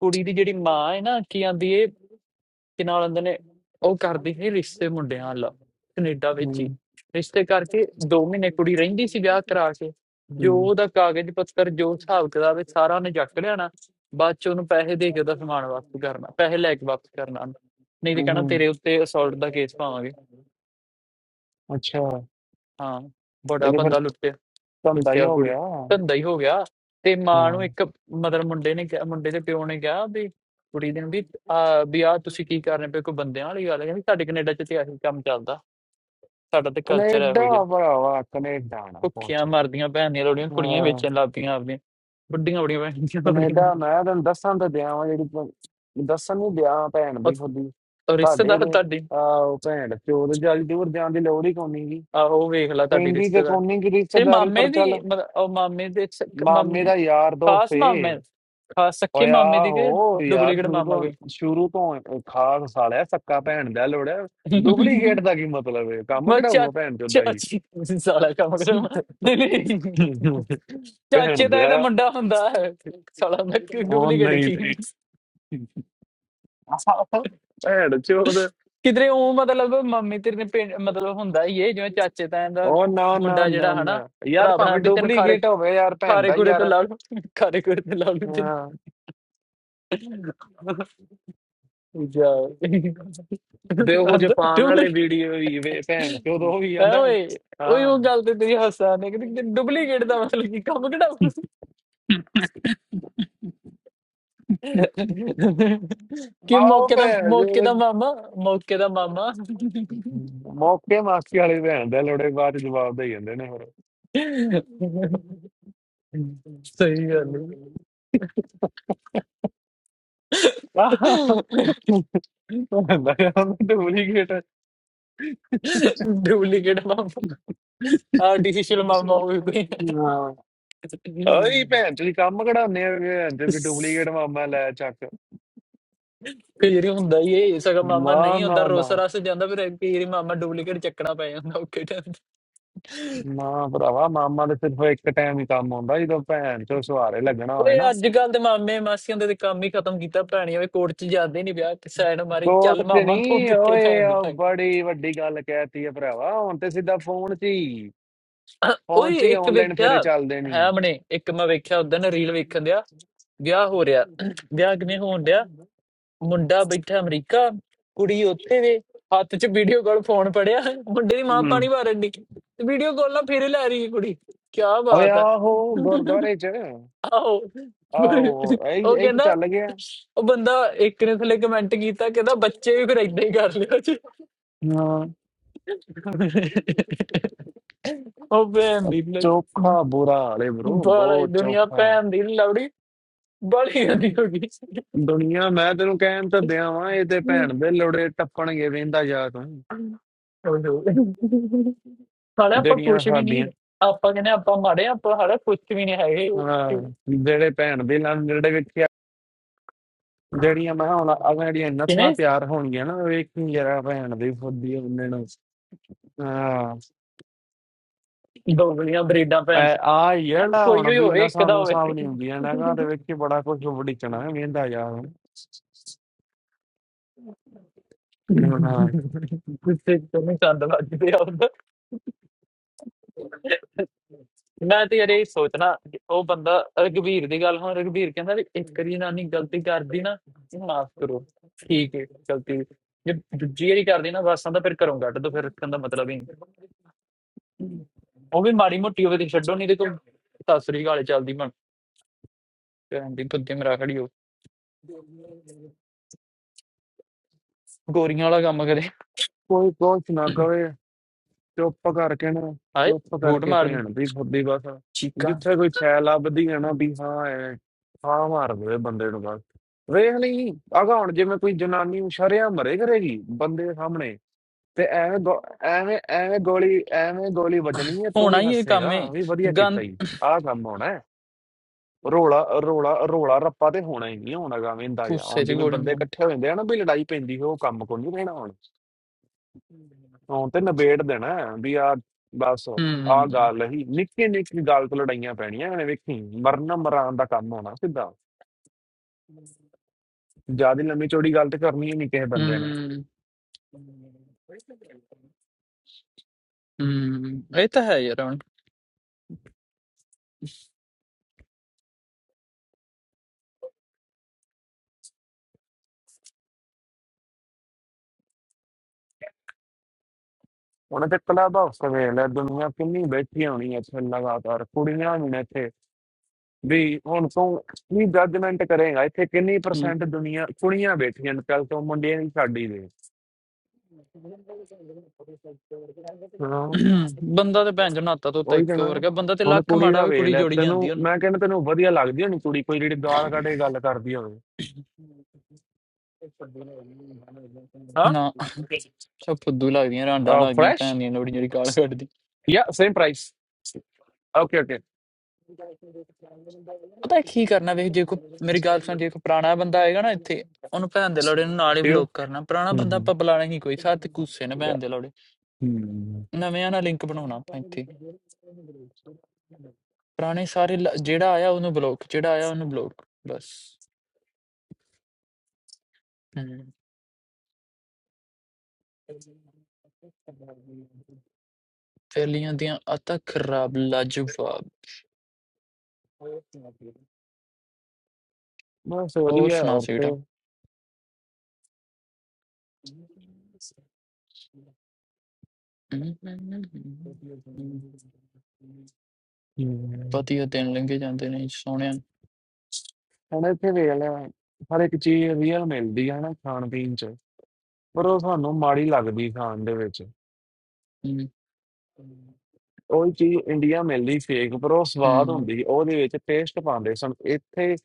S1: ਕੁੜੀ ਦੀ ਜਿਹੜੀ ਮਾਂ ਹੈ ਨਾ ਕੀ ਆਂਦੀ ਕਿ ਨਾਲ ਹੁੰਦੇ ਨੇ ਉਹ ਕਰਦੀ ਸੀ ਰਿਸ਼ਤੇ ਮੁੰਡਿਆਂ ਨਾਲ ਕੈਨੇਡਾ ਵਿੱਚ ਹੀ ਰਿਸ਼ਤੇ ਕਰਕੇ 2 ਮਹੀਨੇ ਕੁੜੀ ਰਹਿੰਦੀ ਸੀ ਵਿਆਹ ਕਰਾ ਕੇ ਜੋ ਉਹਦਾ ਕਾਗਜ਼ ਪੱਤਰ ਜੋ ਹਿਸਾਬ ਕਿਤਾਬ ਹੈ ਸਾਰਾ ਉਹਨੇ ਚੱਕ ਲਿਆਣਾ ਬਾਅਦ ਚ ਉਹਨੂੰ ਪੈਸੇ ਦੇ ਕੇ ਉਹਦਾ ਸਮਾਨ ਵਾਪਸ ਕਰਨਾ ਪੈਸੇ ਲੈ ਕੇ ਵਾਪਸ ਕਰਨਾ ਉਹਨੂੰ। ਨਹੀਂ ਤੇ ਕਹਿਣਾ ਤੇਰੇ ਉੱਤੇ ਅਸੌਲਟ ਦਾ ਕੇਸ ਪਾਵਾਂਗੇ
S2: ਅੱਛਾ
S1: ਹਾਂ ਬੜਾ
S2: ਇਹਦੇ ਫਿਰ
S1: ਬੰਦਾ ਲੁੱਟਿਆ
S2: ਧੰਦਾ ਹੀ
S1: ਦੱਸਿਆ
S2: ਹੋ
S1: ਕੁੜੀ
S2: ਗਿਆ
S1: ਧੰਦਾ ਹੀ ਹੋ ਗਿਆ ਤੇ ਮਾਂ ਨੂੰ ਇੱਕ ਮਤਲਬ ਮੁੰਡੇ ਨੇ ਕਿਹਾ- ਮੁੰਡੇ ਦੇ ਪਿਓ ਨੇ ਕਿਹਾ ਵੀ ਕੁੜੀ ਦੇ ਨੂੰ ਵੀ ਆ ਵੀ ਆ ਤੁਸੀਂ ਕੀ ਕਰ ਰਹੇ ਪਏ ਕੋਈ ਬੰਦਿਆਂ ਵਾਲੀ ਗੱਲ ਹੈ ਕਹਿੰਦੀ ਸਾਡੇ ਕੈਨੇਡਾ ਚ ਤੇ ਆਹੀ ਕੰਮ ਚੱਲਦਾ ਸਾਡਾ ਤੇ ਕਲਚਰ ਇਹੋ
S2: ਕੈਨੇਡਾ
S1: ਜਿਹਾ
S2: ਭਰਾਵਾ ਕੈਨੇਡਾ ਨਾ
S1: ਭੁੱਖੀਆਂ
S2: ਪਹੁੰਚ
S1: ਮਰਦੀਆਂ ਭੈਣ ਦੀਆਂ ਲੋੜੀਆਂ ਕੁੜੀਆਂ ਹੀ
S2: ਅਹ
S1: ਵੇਚਣ ਲੱਗ ਪਈਆਂ ਆਪਦੀਆਂ ਵੱਡੀਆਂ ਵੱਡੀਆਂ ਭੈਣ ਦੀਆਂ
S2: ਕੈਨੇਡਾ
S1: ਲੋੜੀਆਂ
S2: ਮੈਂ ਤੈਨੂੰ ਦੱਸਣ ਤਾਂ ਦਿਆਂ ਵਾਂ ਜਿਹੜੀ ਪ- ਦੱਸਣ ਨੂੰ ਦਿਆਂ ਭੈਣ
S1: ਔਰ
S2: ਵੀ ਤੁਹਾਡੀ
S1: ਔਰ
S2: ਤੁਹਾਡੇ
S1: ਰਿਸ਼ਤੇਦਾਰ
S2: ਰੇ
S1: ਤੁਹਾਡੀ
S2: ਆਹ ਉਹ ਭੈਣ ਪਿਓ ਦੇ ਜਲ ਦੂਰ ਜਾਣ ਦੀ ਲੋੜ ਹੀ ਕੋਨੀ ਗੀ
S1: ਆਹੋ ਵੇਖ ਲੈ ਤੁਹਾਡੀ
S2: ਪੈਂਦੀ ਤੇ
S1: ਰਿਸ਼ਤੇਦਾਰ
S2: ਕੋਨੀ ਗੀ
S1: ਤੇ
S2: ਰਿਸ਼ਤੇਦਾਰੀ
S1: ਮਾਮੇ
S2: ਪਰ
S1: ਦੀ
S2: ਚੱਲ
S1: ਮਤਲਬ ਉਹ ਮਾਮੇ ਦੇ ਸਕ- ਮਾਮ-
S2: ਮਾਮੇ ਦਾ ਯਾਰ ਦੋਸਤ
S1: ਖਾਸ
S2: ਏ
S1: ਮਾਮੇ ਖਾਸ ਸੱਕੇ
S2: ਓਏ
S1: ਮਾਮੇ ਦੀ ਕਿ
S2: ਆਹੋ ਯਾਰ
S1: ਡੁਪਲੀਕੇਟ
S2: ਸ਼ੁਰੂ
S1: ਮਾਮਾ ਕੋਈ
S2: ਤੋਂ ਸ਼ੁਰੂ ਤੋਂ ਖਾਸ ਸਾਲਿਆ ਸੱਕਾ ਭੈਣ ਦਾ ਲੋੜ ਡੁਪਲੀਕੇਟ ਦਾ ਕੀ ਮਤਲਬ ਹੈ ਕੰਮ
S1: ਮੈਂ ਚਾ
S2: ਕਢਾਊਗਾ ਭੈਣ ਚੋਂ ਦਾ ਹੀ
S1: ਚਾਚੀ ਤੁਸੀਂ ਸਾਲਾ ਕੰਮ ਕਰੋ ਨਹੀਂ ਨਹੀਂ ਚਾਚੇ
S2: ਭੈਣ
S1: ਦਾ ਇਹਦਾ
S2: ਦਾ
S1: ਮੁੰਡਾ ਹੁੰਦਾ ਹੈ ਸਾਲਾ ਮੈਂ
S2: ਉਹ
S1: ਡੁਪਲੀਕੇਟ
S2: ਨਹੀਂ
S1: ਕੀ
S2: ਨਹੀਂ ਭੈਣ ਚੋਦ
S1: ਕਿਧਰੇ ਉਹ ਮਤਲਬ ਮੰਮੀ ਤੇਰੇ ਨੇ ਪਿੰਡ- ਮਤਲਬ ਹੁੰਦਾ ਹੀ ਇਹ ਜਿਵੇਂ ਚਾਚੇ ਤਾਇਆਂ ਦਾ
S2: ਉਹ ਨਾ ਨਾ
S1: ਮੁੰਡਾ ਜਿਹੜਾ
S2: ਨਾ
S1: ਹਨਾ
S2: ਨਾ ਯਾਰ
S1: ਭਰਾ ਬਣਾ
S2: ਭਾਵੇਂ
S1: ਵੀ ਤੈਨੂੰ ਖਾਰੇ
S2: ਡੁਪਲੀਕੇਟ ਹੋਵੇ ਯਾਰ ਭੈਣ
S1: ਖਾਰੇ
S2: ਦਾ
S1: ਖੂਰੇ
S2: ਯਾਰ
S1: ਤੇ ਲਾ ਲੂ ਖਾਰੇ ਖੂਰੇ ਤੇ ਲਾ ਲੂ
S2: ਹਾਂ
S1: ਤੈਨੂੰ ਜਾ
S2: ਦੇ ਉਹ ਜੇ
S1: ਅੰਦਰ
S2: ਪਾਉਣ ਵਾਲੇ
S1: ਡੁਪਲੀ
S2: ਵੀਡੀਓ ਹੀ ਵੇ ਭੈਣ ਚੋਦ ਉਹ ਵੀ
S1: ਐ
S2: ਆਂਦਾ
S1: ਓਏ ਓਏ ਉਹ ਗੱਲ ਤੇ ਤੇਰੀ ਹੱਸਾ ਨੇ ਕਿ ਡੁਪਲੀਕੇਟ ਦਾ ਮਤਲਬ ਕੀ ਕੰਮ ਕਿਹੜਾ ਕਿ
S2: ਹਾਂ ਆਓ
S1: ਮੌਕੇ ਦਾ
S2: ਭੈਣ
S1: ਮੌਕੇ ਦਾ
S2: ਚੋਦ
S1: ਮਾਮਾ ਮੌਕੇ ਦਾ ਮਾਮਾ
S2: ਮੌਕੇ ਮਾਸੀ ਵਾਲੇ ਭੈਣ ਦੇ ਆਂਦੇ ਲੋੜੇ ਬਾਅਦ ਚ ਜਵਾਬ ਦੇ ਜਾਂਦੇ ਨੇ ਫਿਰ
S1: ਸਹੀ ਗੱਲ ਹੈ
S2: ਹੁੰਦਾ ਯਾਰ ਉਹਨੂੰ ਡੁਪਲੀਕੇਟ
S1: ਡੁਪਲੀਕੇਟ ਮਾਮਾ ਆਰਟੀਫੀਸ਼ੀਅਲ ਮਾਮਾ ਹੋਵੇ ਕੋਈ
S2: ਹਾਂ ਓਏ ਭੈਣ ਤੁਸੀਂ ਕੰਮ ਕਢਾਉਂਦੇ ਆ ਭੈਣ ਤੇ ਵੀ ਡੁਪਲੀਕੇਟ ਮਾਮਾ ਲੈ ਚੱਕ
S1: ਕਈ ਵਾਰੀ ਹੁੰਦਾ ਹੀ ਇਹ ਸਗਾ ਮਾਮਾ
S2: ਨਾ
S1: ਨਹੀਂ ਹੁੰਦਾ
S2: ਨਾ
S1: ਰੋਸ
S2: ਨਾ
S1: ਰਸ ਜਾਂਦਾ ਫਿਰ ਕਈ ਵਾਰੀ ਮਾਮਾ ਡੁਪਲੀਕੇਟ ਚੱਕਣਾ ਪੈ ਜਾਂਦਾ ਓਕੇ ਟਾਈਮ
S2: ਨਾ ਭਰਾਵਾ ਮਾਮਾ ਦੇ ਸਿਰਫ ਇੱਕ ਟਾਈਮ ਹੀ ਕੰਮ ਆਉਂਦਾ ਜਦੋਂ ਭੈਣ ਚੋ ਸਵਾਰੇ ਲੱਗਣਾ ਹੋਵੇ
S1: ਓਏ
S2: ਨਾ
S1: ਅੱਜ ਕੱਲ ਦੇ ਮਾਮੇ ਮਾਸੀਆਂ ਦੇ ਤਾਂ ਕੰਮ ਹੀ ਖਤਮ ਕੀਤਾ ਭੈਣੀਆਂ ਵੇ ਕੋਰਟ 'ਚ ਜਾਂਦੇ ਨਹੀਂ ਵਿਆਹ ਕਿ ਸਾਈਡ ਮਾਰੀ
S2: ਕੋਰਟ
S1: ਚੱਲ
S2: ਤੇ
S1: ਮਾਮਾ ਤੂੰ
S2: ਨਹੀਂ
S1: ਕਿੱਥੇ
S2: ਓਏ
S1: ਭੈਣ ਦੀ
S2: ਉਹ
S1: ਟੰਗ
S2: ਬੜੀ ਵੱਡੀ ਗੱਲ ਕਹਿਤੀ ਆ ਭਰਾਵਾ ਹੁਣ ਤੇ ਸਿੱਧਾ ਫੋਨ 'ਚ ਹੀ ਫੋਨ
S1: ਓਏ
S2: 'ਚ ਹੀ
S1: ਇੱਕ
S2: ਆਨਲਾਈਨ
S1: ਵੇਖਿਆ
S2: ਫੇਰੇ ਚੱਲਦੇ
S1: ਹੈ
S2: ਨਹੀਂ
S1: ਆਪਣੇ ਇੱਕ ਮੈਂ ਵੇਖਿਆ ਉਦੋਂ ਨਾ ਰੀਲ ਵੇਖਣ ਦਿਆ ਵਿਆਹ ਹੋ ਰਿਹਾ ਵਿਆਹ ਕਿਵੇਂ ਹੋਣ ਡਿਆ ਮੁੰਡਾ ਬੈਠਾ ਅਮਰੀਕਾ ਕੁੜੀ ਉੱਥੇ ਵੇ ਹੱਥ 'ਚ ਵੀਡੀਓ ਕਾਲ ਫੋਨ ਫੜਿਆ ਮੁੰਡੇ ਦੀ ਮਾਂ
S2: ਹਮ
S1: ਪਾਣੀ ਮਾਰਨ ਦੀ ਵੀਡੀਓ ਕਾਲ ਨਾਲ ਫੇਰੇ ਲੈ ਰਹੀ ਹੈ ਕੁੜੀ ਕੀ
S2: ਓਏ
S1: ਬਾਤ ਆ
S2: ਆਹੋ ਗੁਰਦੁਆਰੇ 'ਚ
S1: ਆਓ
S2: ਆਹੋ ਇਹੀ
S1: ਉਹ
S2: ਇਹੀ ਤਾਂ
S1: ਕਹਿੰਦਾ
S2: ਚੱਲ ਗਿਆ
S1: ਉਹ ਬੰਦਾ ਇੱਕ ਨੇ ਥੱਲੇ ਕਮੈਂਟ ਕੀਤਾ ਕਹਿੰਦਾ ਬੱਚੇ ਵੀ ਫਿਰ ਏਦਾਂ ਹੀ ਕਰ ਲਿਓ ਜੀ
S2: ਹਾਂ
S1: ਉਹ ਭੈਣ ਦੀ
S2: ਚੋਖਾ
S1: ਲੱਛ-
S2: ਬੁਰਾ ਹਾਲੇ ਬ్రో
S1: ਬਾਲਾ ਹੀ
S2: ਬਹੁਤ
S1: ਦੁਨੀਆ
S2: ਚੋਖਾ
S1: ਭੈਣ ਦੀ ਲਵੜੀ ਬੜੀ ਗੰਦੀ ਹੋ ਗਈ
S2: ਦੁਨੀਆ ਮੈਂ ਤੈਨੂੰ ਕਹਿਣ ਤਾਂ ਦਿਆਂ ਵਾਂ ਇਹ ਤੇ ਭੈਣ ਦੇ ਲੋੜੇ ਟੱਪਣਗੇ ਵੇਂਦਾ ਜਾ ਤੂੰ
S1: ਹਾਲੇ ਆਪਾਂ
S2: ਜਿਹੜੀਆਂ
S1: ਕੁਛ ਵੀ ਨਹੀਂ
S2: ਸਾਡੀਆਂ
S1: ਆਪਾਂ ਕਹਿੰਦੇ ਆਪਾਂ ਮਾੜੇ ਆ, ਆਪਾਂ ਹਾਲੇ ਕੁਛ ਵੀ ਨਹੀਂ ਹੈਗੇ
S2: ਹਾਂ, ਜਿਹੜੇ ਭੈਣ ਦੇ ਨਾਲ ਜਿਹੜੇ ਵੇਖਿਆ ਜਿਹੜੀਆਂ ਮੈਂ ਹੁਣ ਆ ਜਿਹੜੀਆਂ ਨਸਵਾਂ
S1: ਕਿਵੇਂ
S2: ਤਿਆਰ ਹੋਣਗੀਆਂ ਨਾ ਵੇਖੀ ਜਰਾ ਭੈਣ ਦੀ ਫੁੱਦੀ ਉਹਨੇ ਨੂੰ ਹਾਂ
S1: ਦੋਗਲੀਆਂ ਬਰੀਡਾਂ ਭੈਣ
S2: ਐ-
S1: ਚੋ।
S2: ਆ ਜਿਹੜਾ
S1: ਕੋਈ
S2: ਹੁਣ
S1: ਵੀ
S2: ਵੀ
S1: ਹੋਵੇ ਇੱਕ
S2: ਨਸਾਂ
S1: ਦਾ
S2: ਨੂੰ
S1: ਹੋਵੇ
S2: ਸਾਂਭ ਨਹੀਂ ਹੁੰਦੀਆਂ ਨਾ ਤੇ ਵੇਖੀ ਬੜਾ ਕੁਝ ਵੜਿਕਣਾ ਵੇਂਦਾ ਜਾ ਹੁਣ
S1: ਗੁੱਸੇ ਤੋਂ ਨਹੀਂ ਸੰਦ ਵੱਜਦੇ ਆਉਂਦਾ ਮੈਂ ਤੇ ਯਾਰ ਇਹ ਸੋਚਣਾ ਕਿ ਉਹ ਬੰਦਾ ਰਘਬੀਰ ਦੀ ਗੱਲ ਹੁਣ ਰਘਬੀਰ ਕਹਿੰਦਾ ਵੀ ਇੱਕ ਵਾਰੀ ਨਾਨੀ ਗਲਤੀ ਕਰਦੀ ਨਾ ਇਹਨੂੰ ਮਾਫ ਕਰੋ ਠੀਕ ਹੈ ਗਲਤੀ ਜੇ ਦੂਜੀ ਵਾਰੀ ਕਰਦੀ ਨਾ ਬਸਾਂ ਤਾਂ ਫਿਰ ਘਰੋਂ ਕੱਢ ਦੋ ਫਿਰ ਰੱਖਣ ਦਾ ਮਤਲਬ ਹੀ ਨਹੀਂ ਉਹ ਵੀ ਮਾੜੀ ਮੋਟੀ ਹੋਵੇ ਤੇ ਛੱਡੋ ਨਹੀਂ ਤੇ ਕੋਈ ਸਾਸਰੀ ਗਾਲੇ ਚੱਲਦੀ ਬਣ ਭੈਣ ਦੀ ਕੁੱਤੇ ਮਰਾ ਖੜੀ ਹੋ ਗੋਰੀਆਂ ਵਾਲਾ ਕੰਮ ਕਰੇ
S2: ਕੋਈ ਕੁਛ ਨਾ ਕਵੇ ਚੁੱਪ ਕਰਕੇ ਨਾ
S1: ਹਾਏ
S2: ਚੁੱਪ
S1: ਬੂਟ
S2: ਕਰਕੇ
S1: ਮਾਰਦੀ
S2: ਭੈਣ ਦੀ ਫੁੱਦੀ ਬਸ
S1: ਚੀਕਾਂ
S2: ਜਿੱਥੇ ਕੋਈ ਛੈ ਲੱਭਦੀ ਹੈ ਨਾ ਵੀ ਹਾਂ ਐ ਹਾਂ ਮਾਰ ਦੇ ਬੰਦੇ ਨੂੰ ਬਸ ਵੇਖ ਨਹੀਂ ਆਗਾ ਹੁਣ ਜਿਵੇਂ ਕੋਈ ਜਨਾਨੀ ਸ਼ਰਿਆ ਮਰੇ ਕਰੇਗੀ ਬੰਦੇ ਦੇ ਸਾਹਮਣੇ ਤੇ ਐਵੇਂ ਗੋ- ਐਵੇਂ ਐਵੇਂ ਗੋਲੀ ਐਵੇਂ ਗੋਲੀ ਵੱਜਣੀ ਹੈ ਤੂੰ
S1: ਹੋਣਾ
S2: ਵੀ
S1: ਹੀ ਇਹ ਕੰਮ
S2: ਹੱਸੇਗਾ
S1: ਏ
S2: ਵੀ ਵਧੀਆ ਕੀਤਾ
S1: ਗੰਦ
S2: ਹੀ ਆਹ ਕੰਮ ਹੋਣਾ ਹੈ। ਰੋਲਾ ਰੋਲਾ ਰੋਲਾ ਰੱਪਾ ਤੇ ਹੋਣਾ ਹੀ ਨਹੀਂ ਹੋਣਾ ਗਾ ਵੇਂਦਾ ਜਾਂ
S1: ਗੁੱਸੇ
S2: ਹੁਣ
S1: ਚ
S2: ਜਿਵੇਂ
S1: ਗੋਲੀ
S2: ਬੰਦੇ
S1: ਮਾਰ
S2: ਇਕੱਠੇ ਹੋ ਜਾਂਦੇ ਆ ਨਾ ਵੀ ਲੜਾਈ ਪੈਂਦੀ ਉਹ ਕੰਮ ਕੋ ਨਹੀਂ ਰਹਿਣਾ ਹੁਣ ਹੁਣ ਤੇ ਨਿਬੇੜ ਦੇਣਾ ਹੈ ਵੀ ਆ ਬਸ ਆ
S1: ਹੂੰ
S2: ਗੱਲ ਹੀ ਨਿੱਕੀ ਨਿੱਕੀ ਗੱਲ ਤੋਂ ਲੜਾਈਆਂ ਪੈਣੀਆਂ ਐਵੇਂ ਵੇਖੀ ਮਰਨਾ ਮਰਾਨ ਦਾ ਕੰਮ ਹੋਣਾ ਸਿੱਧਾ ਜਿਆਦਾ ਲੰਮੀ ਚੌੜੀ ਗੱਲ ਤੇ ਕਰਨੀ ਹੀ ਨਹੀਂ ਕਿਸੇ ਬੰਦੇ ਨੇ
S1: ਹੂੰ ਹੂੰ ਇਹ ਤਾਂ ਹੈ ਯਾਰ ਹੁਣ
S2: ਉਹਨਾਂ ਤੇ ਕਲੱਬ ਹਾਊਸ ਵੇਖ ਲੈ ਦੁਨੀਆ ਕਿੰਨੀ ਬੈਠੀ ਹੋਣੀ ਇੱਥੇ ਲਗਾਤਾਰ ਕੁੜੀਆਂ ਵੀ ਨੇ ਇੱਥੇ ਵੀ ਹੁਣ ਤੂੰ ਕੀ ਜੱਜਮੈਂਟ ਕਰੇਗਾ ਇੱਥੇ ਕਿੰਨੀ ਪਰਸੈਂਟ ਦੁਨੀਆ ਕੁੜੀਆਂ ਬੈਠੀਆਂ ਨੇ ਕੱਲ ਤੋਂ ਮੁੰਡਿਆਂ ਦੀ ਸਾਡੀ ਦੇ ਹਾਂ
S1: ਬੰਦਾ ਤੇ ਭੈਣ ਚੋਦ ਨਾਤਾ ਧੋਤਾ
S2: ਉਹੀ ਤਾਂ
S1: ਇੱਕੋ
S2: ਨਾ
S1: ਵਰਗਾ ਬੰਦਾ ਤੇ
S2: ਹੁਣ
S1: ਲੱਖ
S2: ਕੁੜੀ
S1: ਮਾੜਾ
S2: ਦਾ
S1: ਵੀ
S2: ਵੇਲ
S1: ਕੁੜੀ
S2: ਲੈ
S1: ਜੋੜੀ
S2: ਤੈਨੂੰ
S1: ਜਾਂਦੀ ਉਹਨੂੰ
S2: ਮੈਂ ਕਹਿੰਦਾ ਤੈਨੂੰ ਵਧੀਆ ਲੱਗਦੀ ਹੋਣੀ ਕੁੜੀ ਕੋਈ ਜਿਹੜੀ ਗਾਲ ਕੱਢ ਕੇ ਗੱਲ ਕਰਦੀ ਹੋਵੇ ਹਾਂ
S1: ਨਾ ਸਭ ਫੁੱਦੂ ਲੱਗਦੀਆਂ ਰਾਂਡਾਂ ਲੱਗਦੀਆਂ
S2: ਫਰੈਸ਼
S1: ਭੈਣ ਦੀਆਂ ਲੋੜੀ ਜਿਹੜੀ ਗਾਲ ਕੱਢਦੀ
S2: ਯਾ ਸੇਮ ਪ੍ਰਾਈਸ ਓਕੇ ਓਕੇ
S1: ਪਤਾ ਕੀ ਕਰਨਾ ਵੇਖ ਜੇ ਕੋ ਮੇਰੀ ਗੱਲ ਸੁਣ ਜੇ ਕੋ ਪੁਰਾਣਾ ਬੰਦਾ ਆਏਗਾ ਨਾ ਇੱਥੇ ਉਹਨੂੰ ਭੈਣ ਦੇ ਲੋੜੇ ਨੂੰ ਨਾਲ ਹੀ
S2: ਟੂ
S1: ਬਲੌਕ ਕਰਨਾ ਪੁਰਾਣਾ
S2: ਹੂੰ
S1: ਬੰਦਾ
S2: ਹੂੰ
S1: ਆਪਾਂ ਬੁਲਾਣਾ ਹੀ ਕੋਈ ਸਾਥ ਕੁੱਸੇ ਨੇ
S2: Yeah.
S1: ਭੈਣ ਦੇ ਲੋੜੇ
S2: ਹੂੰ।
S1: ਨਵਿਆਂ ਨਾਲ ਲਿੰਕ ਬਣਾਉਣਾ ਆਪਾਂ ਇੱਥੇ ਪੁਰਾਣੇ ਸਾਰੇ ਲ- ਜਿਹੜਾ ਆਇਆ ਉਹਨੂੰ ਬਲੌਕ ਜਿਹੜਾ ਆਇਆ ਉਹਨੂੰ ਬਲੌਕ ਬਸ ਹਮ ਫੈਲੀਆਂ ਦੀਆਂ ਆਦਤਾਂ ਖਰਾਬ ਲਾਜਵਾਬ
S2: ਬਸ
S1: ਹੋਰ
S2: ਵਧੀਆ
S1: ਸੁਣਾ
S2: ਔਰ ਤੇ
S1: ਸੀਟਾ ਵਧੀਆ ਦਿਨ ਲੰਘੇ ਜਾਂਦੇ ਨੇ ਸੋਹਣਿਆਂ
S2: ਹੁਣ ਇੱਥੇ ਵੇਖ ਲੈ ਹਰ ਇੱਕ ਚੀਜ਼ ਰੀਅਲ ਮਿਲਦੀ ਹੈ ਨਾ ਖਾਣ ਪੀਣ ਚ ਪਰ ਉਹ ਸਾਨੂੰ ਮਾੜੀ ਲੱਗਦੀ ਖਾਣ ਦੇ ਵਿੱਚ
S1: ਹੂੰ,
S2: ਉਹੀ ਚੀਜ਼ ਇੰਡੀਆ ਮਿਲਦੀ ਫੇਕ ਪਰ ਉਹ ਸਵਾਦ
S1: ਹੂੰ,
S2: ਹੁੰਦੀ ਸੀ, ਉਹਦੇ ਵਿੱਚ ਟੇਸਟ ਪਾਉਂਦੇ ਸਨ ਇੱਥੇ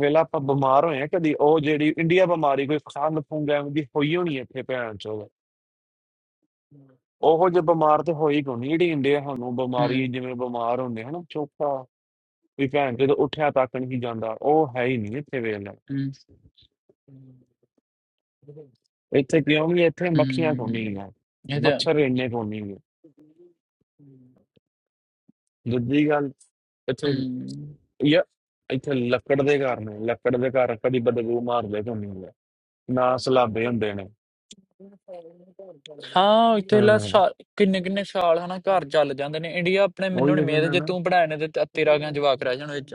S2: ਵੇਲਾ ਆਪਾਂ ਬਿਮਾਰ ਹੋਏ ਆ ਕਦੀ ਉਹ ਜਿਹੜੀ ਇੰਡੀਆ ਬਿਮਾਰੀ ਕੋਈ ਖੰਗ ਫੁੰਗ ਐਵੇਂ ਦੀ ਹੋਈ ਹੋਣੀ ਇੱਥੇ ਭੈਣ ਚੋਦ ਉਹੋ ਜੇ ਬਿਮਾਰ ਤੇ ਹੋਈ ਕੋਈ ਨਹੀਂ ਜਿਹੜੀ ਇੰਡੀਆ ਸਾਨੂੰ
S1: ਹੂੰ,
S2: ਬਿਮਾਰੀ ਜਿਵੇਂ ਬਿਮਾਰ ਹੁੰਦੇ ਹਨ ਚੋਖਾ ਵੀ ਭੈਣ ਜਦੋਂ ਉੱਠਿਆ ਤੱਕ ਨਹੀਂ ਜਾਂਦਾ ਉਹ ਹੈ ਹੀ ਨਹੀਂ ਇੱਥੇ ਵੇਲਾ
S1: ਹੂੰ,
S2: ਇੱਥੇ ਕਿਉਂ ਨਹੀਂ ਇੱਥੇ ਮੱਖੀਆਂ ਕੋਈ ਨਹੀਂ
S1: ਹੂੰ,
S2: ਆ
S1: ਇਹ ਤਾਂ
S2: ਮੱਛਰ ਇੰਨੇ ਕੋਈ ਨਹੀਂ ਆ ਦੂਜੀ ਗੱਲ ਇੱਥੇ
S1: ਹੂੰ।
S2: ਯਾ ਇੱਥੇ ਲੱਕੜ ਦੇ ਘਰ ਨੇ ਲੱਕੜ ਦੇ ਘਰ ਕਦੀ ਬਦਬੂ ਮਾਰਦੇ ਕੋਈ ਨਹੀਂ ਨਾ ਸਲਾਬੇ ਹੁੰਦੇ ਨੇ
S1: ਹਾਂ ਇੱਥੇ ਲਾ
S2: ਹਾਂ
S1: ਸਾਲ ਕਿੰਨੇ ਕਿੰਨੇ ਸਾਲ ਹਨਾ ਘਰ ਚੱਲ ਜਾਂਦੇ ਨੇ ਇੰਡੀਆ ਆਪਣੇ ਮੈਨੂੰ
S2: ਉਹੀ
S1: ਨਹੀਂ
S2: ਤਾਂ
S1: ਮੇਦ
S2: ਕਹਿੰਦਾ
S1: ਜੇ
S2: ਨਾ
S1: ਤੂੰ ਪੜਾਇਆ ਨੇ ਤੇ ਤੇ- ਤੇਰਾ ਕਿਉਂ ਜਵਾਕ ਰਹਿ ਜਾਣਾ ਵਿੱਚ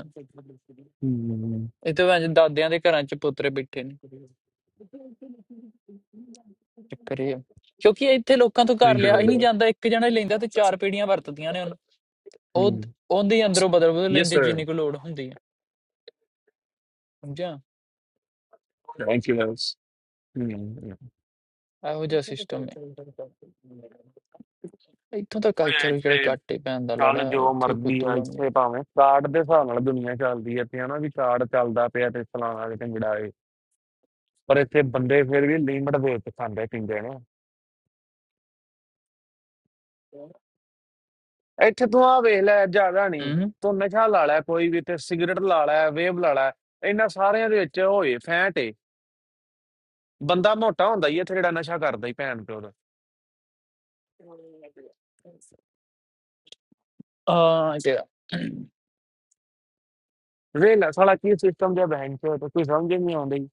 S2: ਹੂੰ
S1: ਇਹ ਤਾਂ ਵੈਸੇ ਦਾਦਿਆਂ ਦੇ ਘਰਾਂ 'ਚ ਪੁੱਤਰੇ ਬੈਠੇ ਨੇ ਚੱਕਰ ਇਹ ਆ। ਕਿਉਂਕਿ ਇੱਥੇ ਲੋਕਾਂ ਤੋਂ ਘਰ
S2: ਥੈਂਕ ਯੂ
S1: ਲਿਆ ਹੀ ਨਹੀਂ
S2: ਵੈਰੀ
S1: ਜਾਂਦਾ ਇੱਕ ਜਣਾ ਹੀ ਲੈਂਦਾ ਤੇ ਚਾਰ ਪੀੜੀਆਂ ਵਰਤਦੀਆਂ ਨੇ ਉਹਨੂੰ ਉਹ
S2: ਮਚ
S1: ਉਹਦੇ ਅੰਦਰੋਂ ਬਦਲ ਬਦਲ
S2: ਯੈਸ
S1: ਲੈਂਦੇ
S2: ਸਰ
S1: ਜਿੰਨੀ ਕੁ ਲੋੜ ਹੁੰਦੀ ਹੈ ਸਮਝਿਆ
S2: ਥੈਂਕ ਯੂ ਵੈਸ ਹੂੰ
S1: ਇਹੋ ਜਿਹਾ ਸਿਸਟਮ ਇੱਥੋਂ ਦਾ
S2: ਉਹ
S1: ਕਲਚਰ ਵੀ ਜਿਹੜਾ
S2: ਇੱਥੇ
S1: ਘੱਟ ਹੀ ਪੈਣ ਦਾ ਲੋੜਾ
S2: ਚੱਲ
S1: ਹੈ,
S2: ਜੋ
S1: ਇੱਥੇ
S2: ਮਰਜ਼ੀ
S1: ਫੁੱਦੂ
S2: ਆ
S1: ਕੰਮ ਹੈ
S2: ਇੱਥੇ ਭਾਵੇਂ ਕਾਰਡ ਦੇ ਹਿਸਾਬ ਨਾਲ ਦੁਨੀਆ ਚੱਲਦੀ ਹੈ ਤੇ ਹਨਾ ਵੀ ਕਾਰਡ ਚੱਲਦਾ ਪਿਆ ਤੇ ਫਲਾਣਾ ਤੇ ਢਿੰਗੜਾ ਏ ਪਰ ਇੱਥੇ ਬੰਦੇ ਫਿਰ ਵੀ ਲਿਮਟ ਦੇ ਕੇ ਖਾਂਦੇ ਪੀਂਦੇ ਨੇ ਇੱਥੇ ਤੂੰ ਆ ਵੇਖ ਲੈ ਜ਼ਿਆਦਾ ਨਹੀਂ
S1: ਹੂੰ
S2: ਤੂੰ ਨਸ਼ਾ ਲਾ ਲੈ ਕੋਈ ਵੀ ਤੇ ਸਿਗਰਟ ਲਾ ਲੈ ਵੇਬ ਲਾ ਲੈ ਇਹਨਾਂ ਸਾਰਿਆਂ ਦੇ ਵਿੱਚ ਹੋਏ ਫੈਂਟ ਬੰਦਾ ਮੋਟਾ ਹੁੰਦਾ ਹੀ ਆ, ਇੱਥੇ ਜਿਹੜਾ ਨਸ਼ਾ ਕਰਦਾ ਹੀ ਭੈਣ ਪਿਓ ਦਾ
S1: ਆ ਤੇ
S2: ਵੇਲਾ ਸਾਲਾ ਕੀ ਸਿਸਟਮ ਜਿਹਾ ਬੈਂਕ ਚੋ ਤੇ ਕੋਈ ਸਮਝ ਹੀ ਨਹੀਂ ਆਉਂਦੀ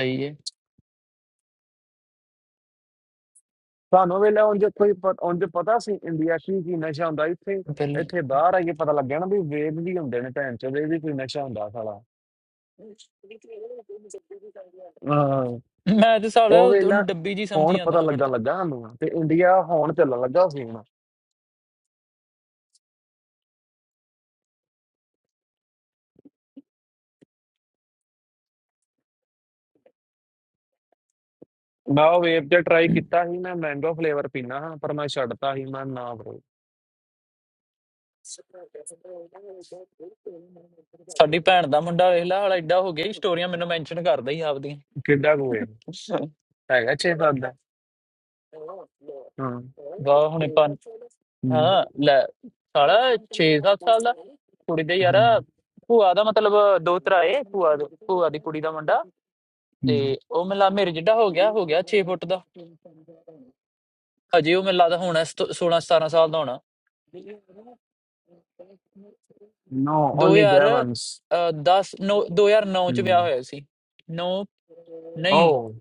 S1: ਆਈ ਹੈ
S2: ਸਾਨੂੰ ਵੇਲਾ ਉਂਝ ਕੋਈ ਪਤ- ਉਂਝ ਪਤਾ ਸੀ ਇੰਡੀਆ ਕੀ ਕੀ ਨਸ਼ਾ ਹੁੰਦਾ ਇੱਥੇ
S1: ਪਹਿਲੇ
S2: ਇੱਥੇ ਬਾਹਰ ਆ ਕੇ ਪਤਾ ਲੱਗਿਆ ਨਾ ਵੀ ਵੇਦ ਵੀ ਹੁੰਦੇ ਨੇ ਭੈਣ ਚੋ ਇਹ ਵੀ ਕੋਈ ਨਸ਼ਾ ਹੁੰਦਾ ਸਾਲਾ ਹਾਂ
S1: ਮੈਂ ਤੇ ਸਾਲਿਆ
S2: ਉਹ
S1: ਉਹ-
S2: ਵੇਲਾ
S1: ਉਹਨੂੰ ਡੱਬੀ ਜੀ ਸਮਝੀ
S2: ਹੁਣ
S1: ਜਾਂਦਾ
S2: ਪਤਾ
S1: ਹਾਂ
S2: ਲੱਗਣ
S1: ਖੜਦਾ
S2: ਲੱਗਾ ਸਾਨੂੰ ਤੇ ਇੰਡੀਆ ਹੁਣ ਚੱਲਣ ਲੱਗਾ ਸੀ ਹੁਣ ਮੈਂ ਉਹ ਵੇਵ ਤੇ ਟਰਾਈ ਕੀਤਾ ਸੀ ਮੈਂ ਮੈਂਗੋ ਫਲੇਵਰ ਪੀਣਾ ਹਾਂ ਪਰ ਮੈਂ ਛੱਡਤਾ ਸੀ ਮੈਂ ਨਾ ਬਰੋ
S1: ਸਾਡੀ ਭੈਣ ਦਾ ਮੁੰਡਾ ਵੇਖ ਲਾ ਹਾਲਾ ਐਡਾ ਹੋ ਗਿਆ ਹੀ ਸਟੋਰੀਆਂ ਮੈਨੂੰ ਮੈਂਸ਼ਨ ਕਰਦਾ ਹੀ ਆਪਦੀਆਂ
S2: ਕਿੱਡਾ ਕੁ ਹੈ ਹੈਗਾ 6 7 ਦਾ ਹਾਂ
S1: ਵਾਹ ਹੁਣੇ ਪੰਜ
S2: ਹੂੰ
S1: ਹਾਂ ਲੈ ਸਾਲਾ 6-7 ਸਾਲ ਦਾ ਕੁੜੀ ਦੇ ਯਾਰ
S2: ਹੂੰ
S1: ਭੂਆ ਦਾ ਮਤਲਬ ਦੋਤਰਾ ਏ ਭੂਆ ਦਾ- ਭੂਆ ਦੀ ਕੁੜੀ ਦਾ ਮੁੰਡਾ ਤੇ ਉਹ ਮੈਨੂੰ ਲਾ ਮੇਰੇ ਜਿੱਡਾ ਹੋ ਗਿਆ ਹੋ ਗਿਆ 6 ਫੁੱਟ ਦਾ ਅਜੇ ਉਹ ਮੈਨੂੰ ਲੱਗਦਾ ਹੋਣਾ 16 17 ਸਾਲ ਦਾ ਹੋਣਾ
S2: No, only Devons.
S1: 2010 ਨੋ 2009 ਚ ਵਿਆਹ
S2: Hmm.
S1: ਹੋਇਆ ਸੀ 9 ਨਹੀਂ
S2: Oh.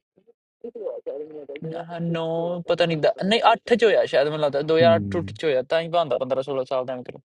S1: 9 ਪਤਾ ਨਹੀਂ ਦ- ਨਹੀਂ 8 ਚ ਹੋਇਆ ਸ਼ਾਇਦ ਮੈਨੂੰ ਲੱਗਦਾ
S2: Hmm.
S1: 2008 ਚ ਹੋਇਆ ਤਾਂ ਹੀ ਬੰਦਾ 15 16 ਸਾਲ ਦਾ ਅੰਕਲ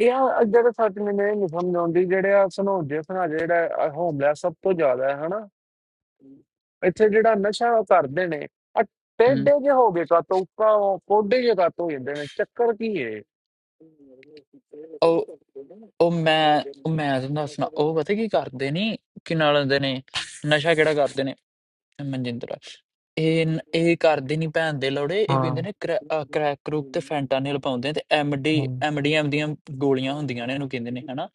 S2: ਯਾਰ ਅ- ਜਿਹੜੇ ਸੱਚ ਮੈਨੂੰ ਇਹ ਨਹੀਂ ਸਮਝ ਆਉਂਦੀ ਜਿਹੜੇ ਆ ਸਨੋਜੇ ਸਨਾ ਜਿਹੜਾ ਹੋਮਲੈਸ ਸਭ ਤੋਂ ਜ਼ਿਆਦਾ ਹੈ ਹਨਾ ਇੱਥੇ ਜਿਹੜਾ ਨਸ਼ਾ ਉਹ ਕਰਦੇ ਨੇ ਆ
S1: ਹੂੰ
S2: ਟੇਡੇ ਜੇ ਹੋ ਗਏ ਕਾਤੋਂ ਉੱਕਾ ਪੋਡੇ ਜੇ ਕਾਤੋਂ ਹੋ ਜਾਂਦੇ ਨੇ ਚੱਕਰ ਕੀ ਹੈ
S1: ਉਹ ਉਹ ਮੈਂ ਉਹ ਮੈਂ ਤੁਹਾਨੂੰ ਦੱਸਣਾ ਉਹ ਪਤਾ ਕੀ ਕਰਦੇ ਨੇ ਕਿ ਨਾਲ ਹੁੰਦੇ ਨੇ ਨਸ਼ਾ ਕਿਹੜਾ ਕਰਦੇ ਨੇ ਮਨਜਿੰਦਰ ਇਹ ਨ- ਇਹ ਕਰਦੇ ਨਹੀਂ ਭੈਣ ਦੇ ਲੋੜੇ ਇਹ
S2: ਹਾਂ
S1: ਪੀਂਦੇ ਨੇ ਕ੍ਰੈਕ ਕਰੂਪ ਤੇ ਫੈਂਟਾਨਿਲ ਪਾਉਂਦੇ ਨੇ, ਤੇ ਐਮਡੀ
S2: ਹਾਂ
S1: ਐਮਡੀਐਮ ਦੀਆਂ ਗੋਲੀਆਂ ਹੁੰਦੀਆਂ ਨੇ ਇਹਨੂੰ ਕਹਿੰਦੇ ਨੇ ਹਨਾ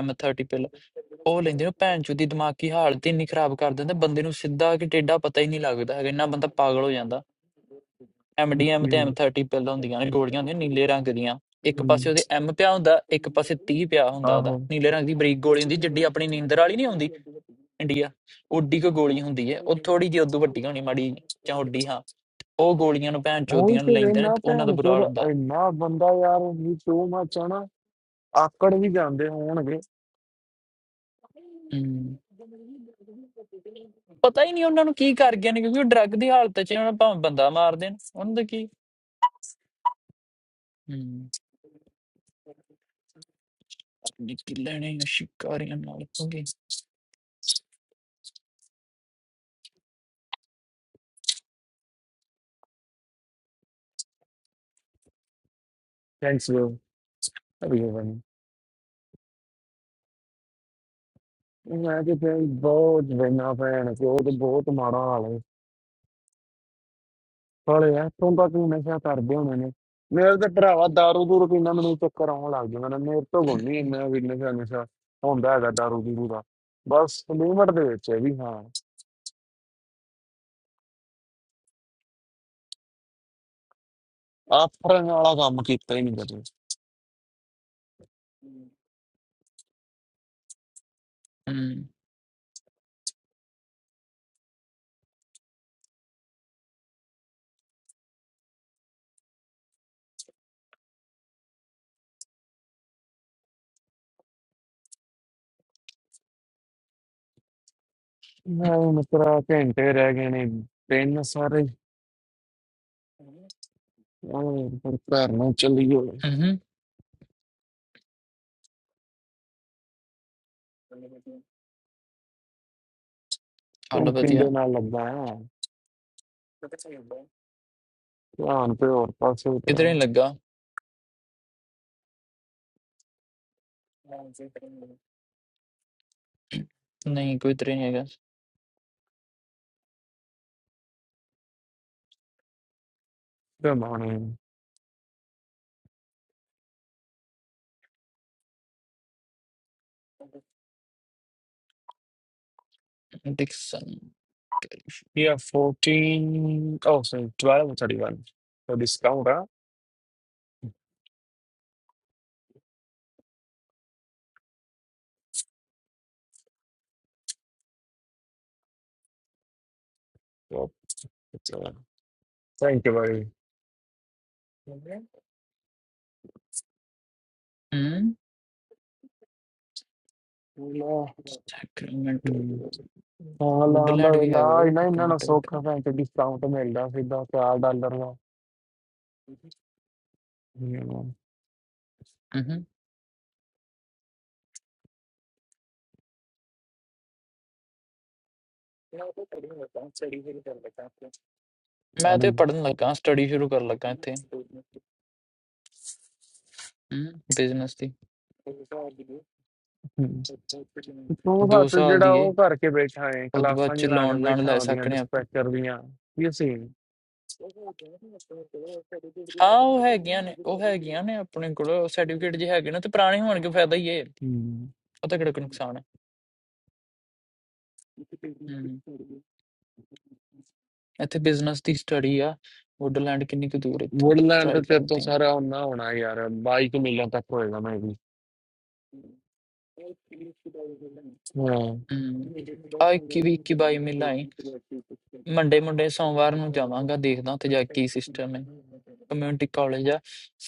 S1: M30 ਪਿਲ ਉਹ ਲੈਂਦੇ ਨੇ ਭੈਣ ਚੋ ਦੀ ਦਿਮਾਗੀ ਹਾਲਤ ਹੀ ਇੰਨੀ ਖਰਾਬ ਕਰ ਦਿੰਦੇ ਬੰਦੇ ਨੂੰ ਸਿੱਧਾ ਕਿ ਟੇਢਾ ਪਤਾ ਹੀ ਨਹੀਂ ਲੱਗਦਾ ਹੈਗਾ ਇੰਨਾ ਬੰਦਾ ਪਾਗਲ ਹੋ ਜਾਂਦਾ ਐਮਡੀਐਮ
S2: ਓਕੇ
S1: ਤੇ M30 ਪਿਲ ਹੁੰਦੀਆਂ ਨੇ ਗੋਲੀਆਂ ਹੁੰਦੀਆਂ ਨੀਲੇ ਰੰਗ ਦੀਆਂ ਇੱਕ ਪਾਸੇ
S2: ਹਮ,
S1: ਉਹਦੇ M ਪਿਆ ਹੁੰਦਾ ਇੱਕ ਪਾਸੇ 30 ਪਿਆ ਹੁੰਦਾ ਉਹਦਾ
S2: ਆਹੋ
S1: ਨੀਲੇ ਰੰਗ ਦੀ ਬਰੀਕ ਗੋਲੀ ਹੁੰਦੀ ਜਿੱਡੀ ਆਪਣੀ ਨੀਂਦਰ ਵਾਲੀ ਨਹੀਂ ਹੁੰਦੀ ਇੰਡੀਆ ਓਡੀ ਕੋ ਗੋਲੀ ਹੁੰਦੀ ਹੈ ਉਹ ਥੋੜੀ ਜਿਹੀ ਉਦੋਂ ਵੱਡੀ ਹੋਣੀ ਮਾੜੀ ਜਿਹੀ, ਜਾਂ ਓਡੀ ਹਾਂ ਉਹ ਗੋਲੀਆਂ ਨੂੰ ਭੈਣ
S2: ਉਹ
S1: ਚੋਦੀਆਂ ਨੂੰ
S2: ਤੇ
S1: ਲੈਂਦੇ ਨੇ
S2: ਵੇਨਾ
S1: ਤੇ ਉਹਨਾਂ ਦਾ
S2: ਭੈਣ
S1: ਬੁਰਾ
S2: ਚੋਦ
S1: ਹਾਲ ਹੁੰਦਾ
S2: ਇੰਨਾ ਬੰਦਾ ਯਾਰ ਵੀ ਟੂ ਮਚ ਨਾ, ਆਕੜ ਵੀ ਜਾਂਦੇ ਹੋਣਗੇ
S1: ਹਮ, ਪਤਾ ਹੀ ਨਹੀਂ ਉਹਨਾਂ ਨੂੰ ਕੀ ਕਰ ਗਏ ਨੇ ਕਿਉਂਕਿ ਉਹ ਡਰੱਗ ਦੀ ਹਾਲਤ 'ਚ ਨੇ, ਉਹਨਾਂ ਨੂੰ ਭਾਵੇਂ ਬੰਦਾ ਮਾਰ ਦੇਣ ਉਹਨਾਂ ਦਾ ਕੀ ਹਮ, ਨਿੱਕੀ ਲੈਣੇ ਆ ਸ਼ਿਕਾਰੀਆਂ ਨਾਲ ਹੋਗੇ
S2: ਥੈਂਕਸ ਯਾਰ ਮੈਂ ਕਿਤੇ ਬਹੁਤ ਵੇਨਾ ਭੈਣ ਚੋ ਤੇ ਬਹੁਤ ਮਾੜਾ ਹਾਲ ਹੈ ਹਲੇ ਇੱਥੋਂ ਤੱਕ ਵੀ ਨਸ਼ਾ ਕਰਦੇ ਹੋਣੇ ਨੇ ਮੇਰੇ ਤੇ ਭਰਾਵਾ ਦਾਰੂ ਦੂਰ ਪੀਣਾ ਮੈਨੂੰ ਚੱਕਰ ਆਉਣ ਲੱਗ ਜਾਂਦਾ ਨਾ ਮੇਰੇ ਤੋਂ ਗੋਨੀ ਇੰਨਾ ਵੀ ਨਸ਼ਾ ਨਸ਼ਾ ਹੁੰਦਾ ਹੈਗਾ ਦਾਰੂ ਦੂਰੂ ਦਾ ਬਸ ਲਿਮਟ ਦੇ ਵਿੱਚ ਹੈ ਵੀ ਹਾਂ ਆਫਰਨ ਵਾਲਾ ਕੰਮ ਕੀਤਾ ਹੀ ਨਹੀਂ ਕਦੇ
S1: ਹਮ
S2: ਮੈਂ ਮਿੱਤਰਾ ਘੰਟੇ ਰਹਿ ਗਏ ਨੇ ਤਿੰਨ ਸਾਰੇ ਉਹ ਪਰ ਘਰ ਨੂੰ ਚੱਲੀ ਹੋਏ
S1: ਹਮ ਹਾਲ
S2: ਤੂੰ ਕਿੰਦੇ
S1: ਵਧੀਆ
S2: ਨਾਲ ਲੱਗਾ ਆ ਧਿਆਨ ਤੇ ਹੋਰ ਪਾਸੇ
S1: ਕਿਧਰੇ
S2: ਉਤਰਿਆ
S1: ਨਹੀਂ ਲੱਗਾ ਨਹੀਂ ਕੋਈ ਤਰੇ ਨਹੀਂ ਹੈਗਾ
S2: ਤੇ ਮਾਣੇ
S1: Dixon
S2: Yeah,
S1: California
S2: 14. Oh, sorry, 12 or 31. So discount, huh? So it's, uh, thank you very much.
S1: ਹਮ ਸੈਕਰਾਮੈਂਟੋ
S2: ਹਾਂ ਲਾਂਦਾ
S1: ਵੁੱਡਲੈਂਡ ਵੀ ਹੈਗਾ
S2: ਇਲਾਜ
S1: ਉਹ
S2: ਨਹੀਂ ਨਾ
S1: ਕਿਤੋਂ
S2: ਨਾ ਸੌਖਾ
S1: ਟੈਂਟ
S2: ਭੈਣ ਤੇ ਡਿਸਕਾਊਂਟ ਮਿਲਦਾ ਸਿੱਧਾ 4 ਡਾਲਰ ਦਾ
S1: ਮੈਂ ਤੇ
S2: ਆਲੀ
S1: ਪੜ੍ਹਨ ਲੱਗਾ ਸਟੱਡੀ ਸ਼ੁਰੂ ਕਰਨ ਲੱਗਾ ਇੱਥੇ ਹੂੰ ਬਿਜ਼ਨਸ ਦੀ
S2: ਤੂੰ
S1: 2
S2: ਹੱਥ
S1: ਸਾਲ
S2: ਜਿਹੜਾ
S1: ਦੀ ਏ
S2: ਉਹ ਕਰਕੇ ਬੈਠਾ ਹੈ
S1: ਉਦੋਂ ਬਾਅਦ
S2: ਕਲਾਸਾਂ
S1: ਚ
S2: ਨਹੀਂ ਲਾ ਕੇ
S1: ਲੋਨ ਲਾਣ
S2: ਬੈਠਾ
S1: ਲੈ
S2: ਉਹਦੀਆਂ
S1: ਸਕਣੇ ਆਪਾਂ
S2: ਡਿਸਪੈਚਰ ਦੀਆਂ ਇਹ ਸੀ
S1: ਹਾਂ ਉਹ ਹੈਗੀਆਂ ਨੇ ਉਹ ਹੈਗੀਆਂ ਨੇ ਆਪਣੇ ਕੋਲ ਸਰਟੀਫਿਕੇਟ ਜੇ ਹੈਗੇ ਨਾ ਤੇ ਪੁਰਾਣੇ ਹੋਣ ਕੇ ਫਾਇਦਾ ਹੀ ਏ ਉਹ ਤਾਂ ਕਿਹੜਾ ਕੋਈ ਨੁਕਸਾਨ ਹੈ ਹੂੰ ਇੱਥੇ ਬਿਜ਼ਨਸ ਦੀ ਸਟੱਡੀ ਆ ਵੁੱਡਲੈਂਡ ਕਿੰਨੀ ਕੁ ਦੂਰ ਇੱਥੋਂ
S2: ਵੁੱਡਲੈਂਡ
S1: ਟਰਾਈ
S2: ਤੇ ਤੇਰੇ ਤੋਂ
S1: ਕਰਦੇ ਹਾਂ
S2: ਸਾਰਾ ਉਹਨਾਂ ਹੋਣਾ ਯਾਰ ਬਾਈਕ ਮਿਲਣ ਤੱਕ ਹੋਏਗਾ ਮੈਂ ਵੀ ਹਾਂ
S1: ਹੂੰ ਆ 21 ਵੀਹ 21 ਬਾਈ ਮਿਲਾਈ ਮੰਡੇ ਮੰਡੇ ਸੋਮਵਾਰ ਨੂੰ ਜਾਵਾਂਗਾ ਦੇਖਦਾ ਤੇ ਜਾ ਕੇ ਕੀ ਸਿਸਟਮ ਹੈ ਕਮਿਊਨਿਟੀ ਕਾਲਜ ਆ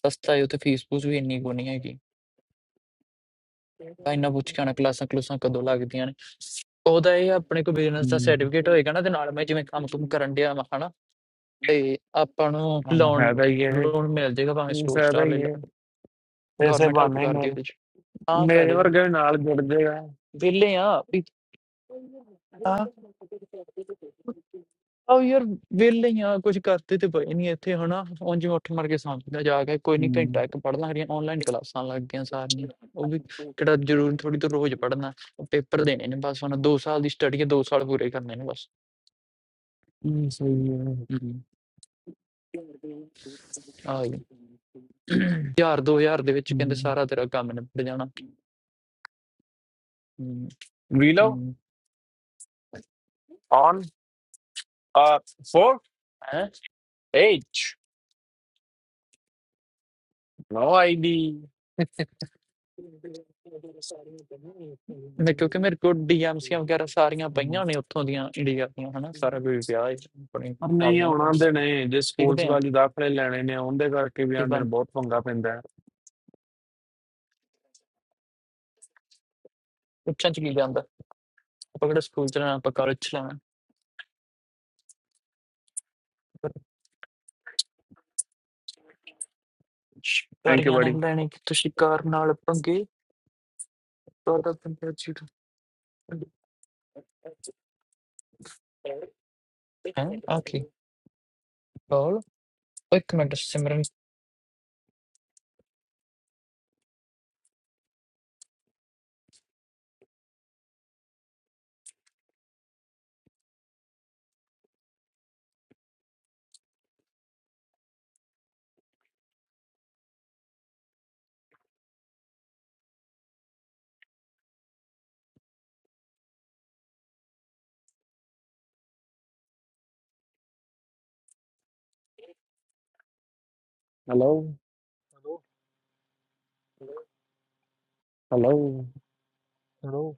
S1: ਸਸਤਾ ਹੈ ਉੱਥੇ ਫੀਸ ਫੂਸ ਵੀ ਇੰਨੀ ਕੋ ਨਹੀਂ ਹੈਗੀ ਤਾਂ ਇੰਨਾ ਪੁੱਛ ਕੇ ਆਉਣਾ ਕਲਾਸਾਂ ਕਲੂਸਾਂ ਕਦੋਂ ਲੱਗਦੀਆਂ ਨੇ ਉਹਦਾ ਇਹ ਆ, ਆਪਣੇ ਕੋਲ ਬਿਜ਼ਨਸ ਦਾ ਸਰਟੀਫਿਕੇਟ ਹੋਏਗਾ ਨਾ ਤੇ ਨਾਲ ਮੈਂ ਜਿਵੇਂ ਕੰਮ ਕੁਮ ਕਰਨ ਡਿਆ ਮੈਂ ਹਨਾ ਤੇ ਆਪਾਂ ਨੂੰ
S2: ਹਾਂ
S1: ਲੋਨ
S2: ਫਾਇਦਾ ਹੀ ਹੈ
S1: ਲੋਨ ਮਿਲ ਜਾਏਗਾ ਭਾਵੇਂ
S2: ਇਹ
S1: ਸਟੋਰ
S2: ਫਾਇਦਾ
S1: ਸਟਾਰ
S2: ਹੀ
S1: ਲੈ
S2: ਹੈ
S1: ਲਾ
S2: ਪੈਸੇ
S1: ਗਵਰਨਮੈਂਟ ਹੈਲਪ
S2: ਬਾਨੇ
S1: ਕਰਦੀ
S2: ਮੇਰੇ
S1: ਉਹਦੇ ਚ ਆ
S2: ਮੇਰੇ
S1: ਫਾਇਦਾ ਹੀ ਆ।
S2: ਵਰਗੇ ਵੀ ਨਾਲ ਜੁੜ ਜਾਏਗਾ
S1: ਵਿਹਲੇ ਆ ਵੀ ਆ ਆ ਯਾਰ ਵਿਹਲੇ ਹੀ ਆ ਕੁਝ ਕਰਦੇ ਤੇ ਪਏ ਨਹੀਂ ਇੱਥੇ ਹਨਾ ਉਂਝ ਉੱਠ ਮਰ ਕੇ ਸਮਝਦਾ ਜਾ ਕੇ ਕੋਈ ਨਹੀਂ ਘੰਟਾ ਇੱਕ ਪੜ੍ਹਨਾ ਹਰੀਆਂ ਆਨਲਾਈਨ ਕਲਾਸਾਂ ਲੱਗਦੀਆਂ ਸਾਰੀਆਂ ਉਹ ਵੀ ਕਿਹੜਾ ਜ਼ਰੂਰੀ ਥੋੜੀ ਤੋਂ ਰੋਜ਼ ਪੜ੍ਹਨਾ ਪੇਪਰ ਦੇਣੇ ਨੇ ਬਸ ਉਹਨਾਂ 2 ਸਾਲ ਦੀ ਸਟੱਡੀ ਹੈ 2 ਸਾਲ ਪੂਰੇ ਕਰਨੇ ਨੇ ਬਸ ਆ ਗਈ ਯਾਰ 2000 ਦੇ ਵਿੱਚ ਕਹਿੰਦੇ ਸਾਰਾ ਤੇਰਾ ਕੰਮ ਨਿਬੜ ਜਾਣਾ
S2: ਵੀਲੋ ਔਨ ਆ 4
S1: ਹੈ
S2: H ਨੋ ਆਈਡੀ
S1: ਮੈਂ ਕਿਉਂਕਿ ਮੇਰੇ ਕੋਲ ਡੀਐਮਸੀਆਂ ਵਗੈਰਾ ਸਾਰੀਆਂ ਪਈਆਂ ਨੇ ਉੱਥੋਂ ਦੀਆਂ ਇੰਡੀਆ ਦੀਆਂ ਹਨਾ ਸਾਰਾ ਕੁਝ ਪਿਆ ਹੈ ਆਪਣੇ
S2: ਪਰ
S1: ਹਿਸਾਬ
S2: ਨਹੀਂ
S1: ਨਾਲ ਕੰਮ
S2: ਆਉਣਾ ਦੇ ਨੇ ਜੇ ਸਕੂਲਸ
S1: ਸਿੱਖਦੇ ਆ
S2: ਵਾਲੀ ਦਾਖਲੇ ਲੈਣੇ ਨੇ ਉਹਦੇ ਕਰਕੇ ਵੀ
S1: ਕੀ
S2: ਆਉਂਦੇ ਨੇ
S1: ਬਣ
S2: ਬਹੁਤ ਪੰਗਾ ਪੈਂਦਾ ਹੈ
S1: ਉੱਚਾਂ ਚ ਕੀ ਜਾਂਦਾ ਆਪਾਂ ਕਿਹੜਾ ਸਕੂਲ ਚ ਲੈਣਾ ਆਪਾਂ ਕਾਲਜ ਚ ਲੈਣਾ ਪਰ
S2: ਥੈਂਕ ਯੂ
S1: ਸ਼ਿਕਾਰੀਆਂ ਨੇ
S2: ਬੜੀ
S1: ਲੈਣੇ ਕਿ ਤੁਸੀਂ ਕਾਰ ਨਾਲ ਪੰਗੇ ਤੁਹਾਡਾ ਪੰਗਾ ਚੀਟ ਹੈ ਆਖੀ ਬੋਲ ਇੱਕ minute Simran
S2: hello
S3: hello
S2: hello
S3: hello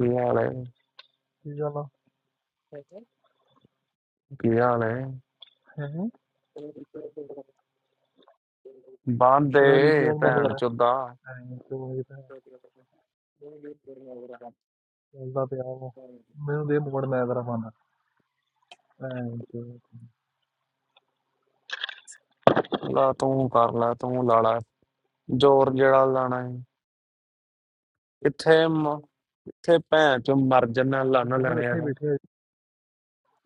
S2: ਕੀ ਹਾਲ ਹੈ
S3: ਕੀ ਗੱਲ ਆ
S2: ਕੀ ਹਾਲ ਹੈ
S3: ਹੈ ਤੇਰਾ ਰੀਪਲੇ
S2: ਬਾਂਦੇ
S3: ਹੁਣ ਬੰਦ
S2: ਭੈਣ
S3: ਕਰ
S2: ਚੋਦਾ
S3: ਐਂ ਤੇ ਉਹ ਚੱਲਦਾ ਪਿਆ ਉਹ ਮੈਨੂੰ ਦੇ ਮੋੜ ਮੈਂ ਤੇਰਾ ਫੋਨ ਐਂ ਤੇ
S2: ਲਾ ਤੂੰ ਕਰ ਲੈ ਤੂੰ ਲਾ ਲੈ ਜ਼ੋਰ ਜਿਹੜਾ ਲਾਣਾ ਕਿੱਥੇ ਮ- ਕਿੱਥੇ ਭੈਣ ਚ ਮਰ ਜੰਨਾ
S3: ਐਂ ਤੇ
S2: ਲੰਨ
S3: ਤੂੰ ਹੀ
S2: ਲੈਣਿਆ
S3: ਬੈਠੇ
S2: ਹੈ
S3: ਬੈਠੇ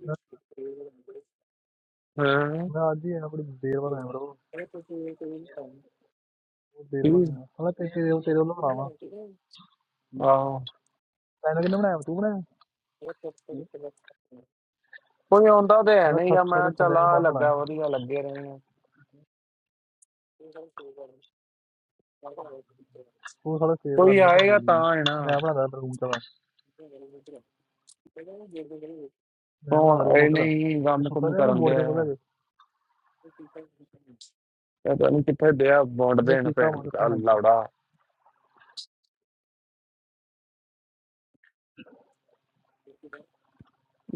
S3: ਮੈਂ
S2: ਹਾਂ
S3: ਮੈਂ ਅੱਜ ਹੀ ਆਇਆ ਬੜੀ ਦੇਰ ਬਾਅਦ ਆਇਆ ਬਰੋ ਬਹੁਤ ਦੇਰ
S2: ਕੀ
S3: ਬਾਅਦ ਆਇਆ ਸਾਲਾ ਤੇ ਤੇਰੇ ਉਹ ਤੇਰੇ ਵੱਲੋਂ ਬਣਾਵਾ
S2: ਆ
S3: ਤੈਨੂੰ ਕਿੰਨੇ ਬਣਾਇਆ ਤੂੰ ਬਣਾਇਆ
S2: ਕੋਈ ਆਉਂਦਾ ਤੇ ਹੈ
S3: ਸਾਲਾ
S2: ਨਹੀਂਗਾ
S3: ਥੱਪ ਸਾ
S2: ਮੈਂ
S3: ਤੋਂ ਥੱਲੇ
S2: ਚਲਾ
S3: ਮਾਨ ਹੋਣਾ
S2: ਲੱਗਾ
S3: ਹੈ
S2: ਵਧੀਆ ਲੱਗੇ ਰਹੇ ਆ
S3: ਉਹ ਸਾਲਾ ਸੇਵ ਕਰ
S2: ਕੋਈ
S3: ਲੈਣੀ ਭਾਜੀ
S2: ਆਏਗਾ
S3: ਦੀ
S2: ਤਾਂ ਹੈ ਨਾ
S3: ਮੈਂ ਬਣਾਦਾ ਰੂਮ ਚ ਮੈਂ ਬਣਾਦਾ
S2: ਹੁਣ
S3: ਰੂਮ
S2: ਇਹ
S3: ਉਧਰ
S2: ਨਹੀਂ
S3: ਇਹ
S2: ਕੰਮ
S3: ਸੁੱਤਾ
S2: ਕੰਮ
S3: ਰਿਹਾ ਮੈਂ
S2: ਕਰਨ
S3: ਮੋੜ
S2: ਦੇ
S3: ਜਾਊਂਗਾ ਲੈ
S2: ਆ
S3: ਕੇ
S2: ਪਤਾ ਨਹੀਂ ਕਿੱਥੇ ਦਿਆ ਬੋਂਡ
S3: ਮੈਂ ਕਿਹਾ
S2: ਦੇਣ
S3: ਚੀਕਾਂ
S2: ਭੈਣ
S3: ਮਾਰ
S2: ਦਾ
S3: ਭੈਣ ਚ
S2: ਲੌੜਾ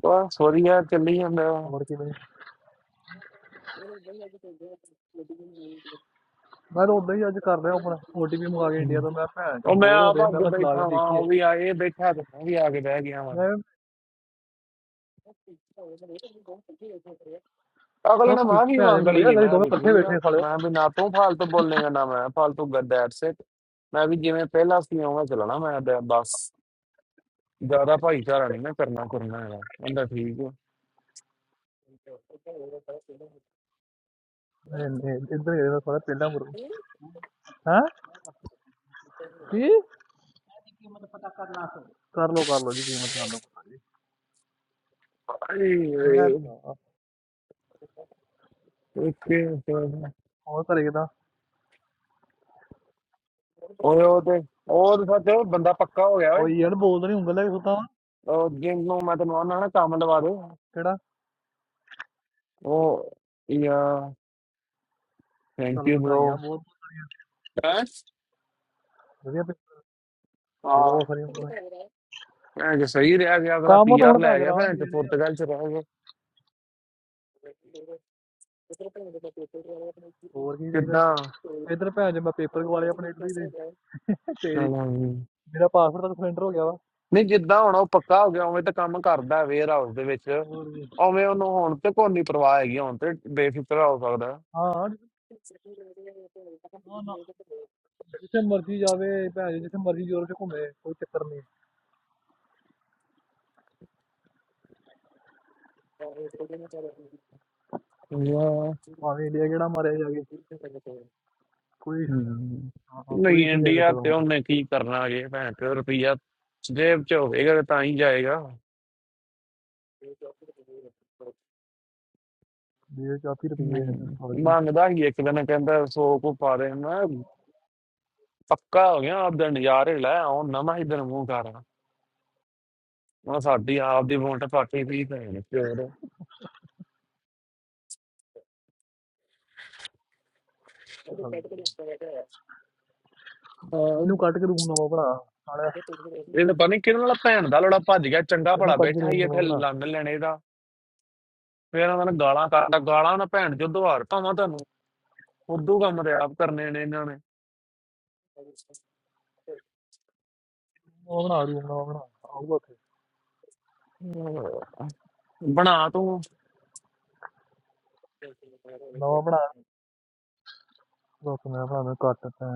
S2: ਬਸ ਵਧੀਆ ਚੱਲੀ ਜਾਂਦਾ
S3: ਮੋੜ ਕੇ ਮੈਨੂੰ ਮੈਂ ਤਾਂ ਉਦਾਂ ਹੀ ਅੱਜ ਕਰ ਰਿਹਾ ਆਪਣਾ OTP ਮੰਗਾ ਕੇ ਇੰਡੀਆ
S2: ਹਮ।
S3: ਤੋਂ ਮੈਂ ਭੈਣ ਚ
S2: ਉਹ ਮੈਂ
S3: ਬੋਰ ਹੋ
S2: ਆਪ
S3: ਰਿਹਾ ਮੈਂ
S2: ਅੱਗੇ
S3: ਕਿਹਾ ਚਲਾ ਕੇ
S2: ਬੈਠਾ ਵਾਂ
S3: ਦੇਖੀਏ
S2: ਉਹ ਵੀ ਆ ਇਹ ਬੈਠਾ ਤੇ ਮੈਂ ਵੀ ਆ ਕੇ ਬਹਿ ਗਿਆ
S3: ਮੈਂ
S2: ਅਗਲੇ
S3: ਹਾਂ
S2: ਨੇ
S3: ਖੁਸ਼
S2: ਮੈਂ ਵੀ
S3: ਭੈਣ ਜੀ
S2: ਮੰਗ
S3: ਮੈਨੂੰ ਵਧੀਆ
S2: ਲਈ
S3: ਕਰੀ
S2: ਮੈਂ
S3: ਦੋਵੇਂ
S2: ਵੀ
S3: ਇਕੱਠੇ
S2: ਠੀਕ ਆ
S3: ਬੈਠੇ ਸਾਲਿਓ
S2: ਮੈਂ ਵੀ ਨਾ ਤੂੰ ਫालतू ਬੋਲੇਗਾ ਨਾ ਮੈਂ ਫालतू ਗੱਡ ਐਟਸ ਇਟ ਮੈਂ ਵੀ ਜਿਵੇਂ ਪਹਿਲਾਂ ਸੀ ਉਵੇਂ ਚੱਲਣਾ ਮੈਂ ਤੇ ਬਸ ਜ਼ਿਆਦਾ ਭਾਈਚਾਰਾ ਨਹੀਂ ਮੈਂ ਕਰਨਾ ਕਰਨਾ ਹੈਗਾ ਕਹਿੰਦਾ ਠੀਕ ਆ
S3: ਨਹੀਂ ਨਹੀਂ ਇੱਧਰ ਗਏ ਸਾਲਾ ਪਹਿਲਾਂ ਮੁਰੂ ਹਾਂ ਕੀ ਕਰ ਲੋ ਕਰ ਲੋ ਜੀ ਕੀਮਤ ਕਰ ਲੋ
S2: ਆਈ
S3: ਮੈਂ
S2: ਵੇ,
S3: ਤਾਂ-
S2: ਓਕੇ ਤਾਂ।
S3: ਹੋਰ ਘਰੇ ਕਿਦਾਂ
S2: ਓਏ ਉਹ ਤੇ ਉਹ ਤੇ ਸੱਚ ਬੰਦਾ ਪੱਕਾ ਹੋ ਗਿਆ ਓਏ
S3: ਉਹ ਯਾਰ ਬੋਲਦਾ ਨਹੀਂ ਉਂਗਲ ਲੈ ਕੇ ਸੁੱਤਾ ਵਾਂ।
S2: ਉਹ ਜਿਹਨੂੰ ਮੈਂ ਤੈਨੂੰ ਆਨਾ ਨਾ ਕੰਮ ਲਵਾ ਦੇ
S3: ਕਿਹੜਾ
S2: ਉਹ ਯਾ
S3: ਚੱਲ
S2: ਥੈਂਕ ਯੂ ਬ్రో
S3: ਵਧਾਈਆਂ ਬਹੁਤ
S2: ਬਸ
S3: ਵਧੀਆ ਪੇ-
S2: ਹਾਂ
S3: ਬਹੁਤ ਸਾਰੀਆਂ ਉਂਗਲਾਂ
S2: ਮੈਂ ਕਿ ਸਹੀ ਰਿਹਾ ਗਿਆ ਅਗਲਾ
S3: ਕੰਮ ਤਾਂ
S2: ਪੀਆਰ
S3: ਹੁਣ ਭੈਣ
S2: ਲੈ
S3: ਜੀ
S2: ਗਿਆ
S3: ਰਾਹ
S2: ਭੈਣ ਤੇ
S3: ਜਿਹੜੇ ਆ
S2: ਪੁਰਤਗਾਲ ਚ ਰਹਿ ਗਿਆ
S3: ਹੋਰ ਕੀ ਚਾਹੀਦਾ
S2: ਕਿੱਦਾਂ
S3: ਇੱਧਰ ਭੈਣ ਜੀ ਮੈਂ ਪੇਪਰ ਗਵਾ ਲਏ ਆਪਣੇ ਇਟਲੀ ਦੇ ਤੇਰੀ
S2: ਚਲੋ
S3: ਮੇਰਾ ਪਾਸਪੋਰਟ ਤਾਂ ਸਿਲੰਡਰ ਹੋ ਗਿਆ ਵਾ
S2: ਨਹੀਂ ਜਿੱਦਾਂ ਹੁਣ ਉਹ ਪੱਕਾ ਹੋ ਗਿਆ ਉਵੇਂ ਤਾਂ ਕੰਮ ਕਰਦਾ ਵੇਅਰ ਹਾਊਸ ਦੇ ਵਿੱਚ
S3: ਹੋਰ ਕੀ।
S2: ਉਵੇਂ ਉਹਨੂੰ ਹੁਣ ਤੇ ਕੋਈ ਨਹੀਂ ਪਰਵਾਹ ਹੈਗੀ ਹੁਣ ਤੇ ਬੇਫਿਕਰ ਹੋ ਸਕਦਾ
S3: ਹਾਂ ਹਾਂ, ਨਾ ਜਿੱਥੇ ਮਰਜ਼ੀ ਜਾਵੇ ਭੈਣ ਜੀ, ਜਿੱਥੇ ਮਰਜ਼ੀ ਯੂਰਪ 'ਚ ਘੁੰਮੇ ਕੋਈ ਚੱਕਰ ਨਹੀਂ
S2: ਵਾਹ।
S3: ਭਾਵੇਂ ਇੰਡੀਆ ਕਿਹੜਾ ਮਾਰਿਆ ਜਾ ਕੇ ਕੋਈ ਇਸ਼ੂ ਨਹੀਂ।
S2: ਹਮ।
S3: ਹਾਂ ਹਾਂ, ਕੋਈ
S2: ਨਹੀਂ
S3: ਇਸ਼ੂ ਨਹੀਂ
S2: ਇੰਡੀਆ
S3: ਤਾਂ
S2: ਤੇ
S3: ਹੁਣ
S2: ਉਹਨੇ ਕੀ ਕਰਨਾ ਜੇ ਭੈਣ ਚੋ ਰੁਪਈਆ ਜੇਬ ਚ ਹੋਵੇਗਾ ਤੇ ਤਾਂ ਹੀ ਜਾਏਗਾ ਹਮ।
S3: ਜੇ 40 ਰੁਪਏ ਹੈ ਤਾਂ ਸਾਡੀ
S2: ਮੰਗਦਾ ਹੀ ਇੱਕ ਦਿਨ ਕਹਿੰਦਾ ਸੌ ਕੋ ਪਾ ਦੇ ਮੈਂ ਕਿਹਾ, ਪੱਕਾ ਹੋ ਗਿਆ ਆਪ ਦਾ ਨਜ਼ਾਰੇ ਲੈ ਆਉਂ ਨਵਾਂ ਹੀ ਦਿਨ ਮੂੰਹ ਕਰ ਹੁਣ ਸਾਡੀ ਆਪ ਦੀ ਵੋਟ ਪਾਟੀ ਵੀ ਭੈਣ ਚੋਰ
S3: ਚੱਲ ਇਹਨੂੰ ਕੱਟ ਕੇ ਰੂਮ ਨਵਾਂ ਬਣਾ ਸਾਲਿਆ
S2: ਇਹ ਤਾਂ ਪਤਾ ਨਹੀਂ ਕਿਹਦੇ ਨਾਲ ਭੈਣ ਦਾ ਲੜਾ ਭੱਜ ਗਿਆ ਚੰਗਾ
S3: ਇਹਨੂੰ
S2: ਭਲਾ
S3: ਕੱਟ ਕੇ
S2: ਬੈਠਾ ਹੀ
S3: ਰੂਮ
S2: ਇੱਥੇ
S3: ਨਵਾਂ ਬਣਾ
S2: ਲੰਡ ਲੈਣੇ ਦਾ ਫਿਰ ਇਹਨਾਂ ਨੇ ਗਾਲਾਂ ਕੱਢਦਾ ਗਾਲਾਂ ਨਾ ਭੈਣ ਜੋ ਦੁਹਾਰ ਭਾਵਾਂ ਤੁਹਾਨੂੰ ਉਦੋਂ ਕੰਮ ਤੇ ਆਪ ਕਰਨੇ ਨੇ ਇਹਨਾਂ ਨੇ
S3: ਨਵਾਂ ਬਣਾ ਰੂਮ ਨਵਾਂ ਬਣਾ ਆਊਗਾ ਉੱਥੇ
S2: ਅਹ ਬਣਾ ਤੂੰ
S3: ਨਵਾਂ ਬਣਾ ਦੱਸ ਮੈਂ ਬਣਾ ਮੈਂ ਕੱਟ ਤਾਂ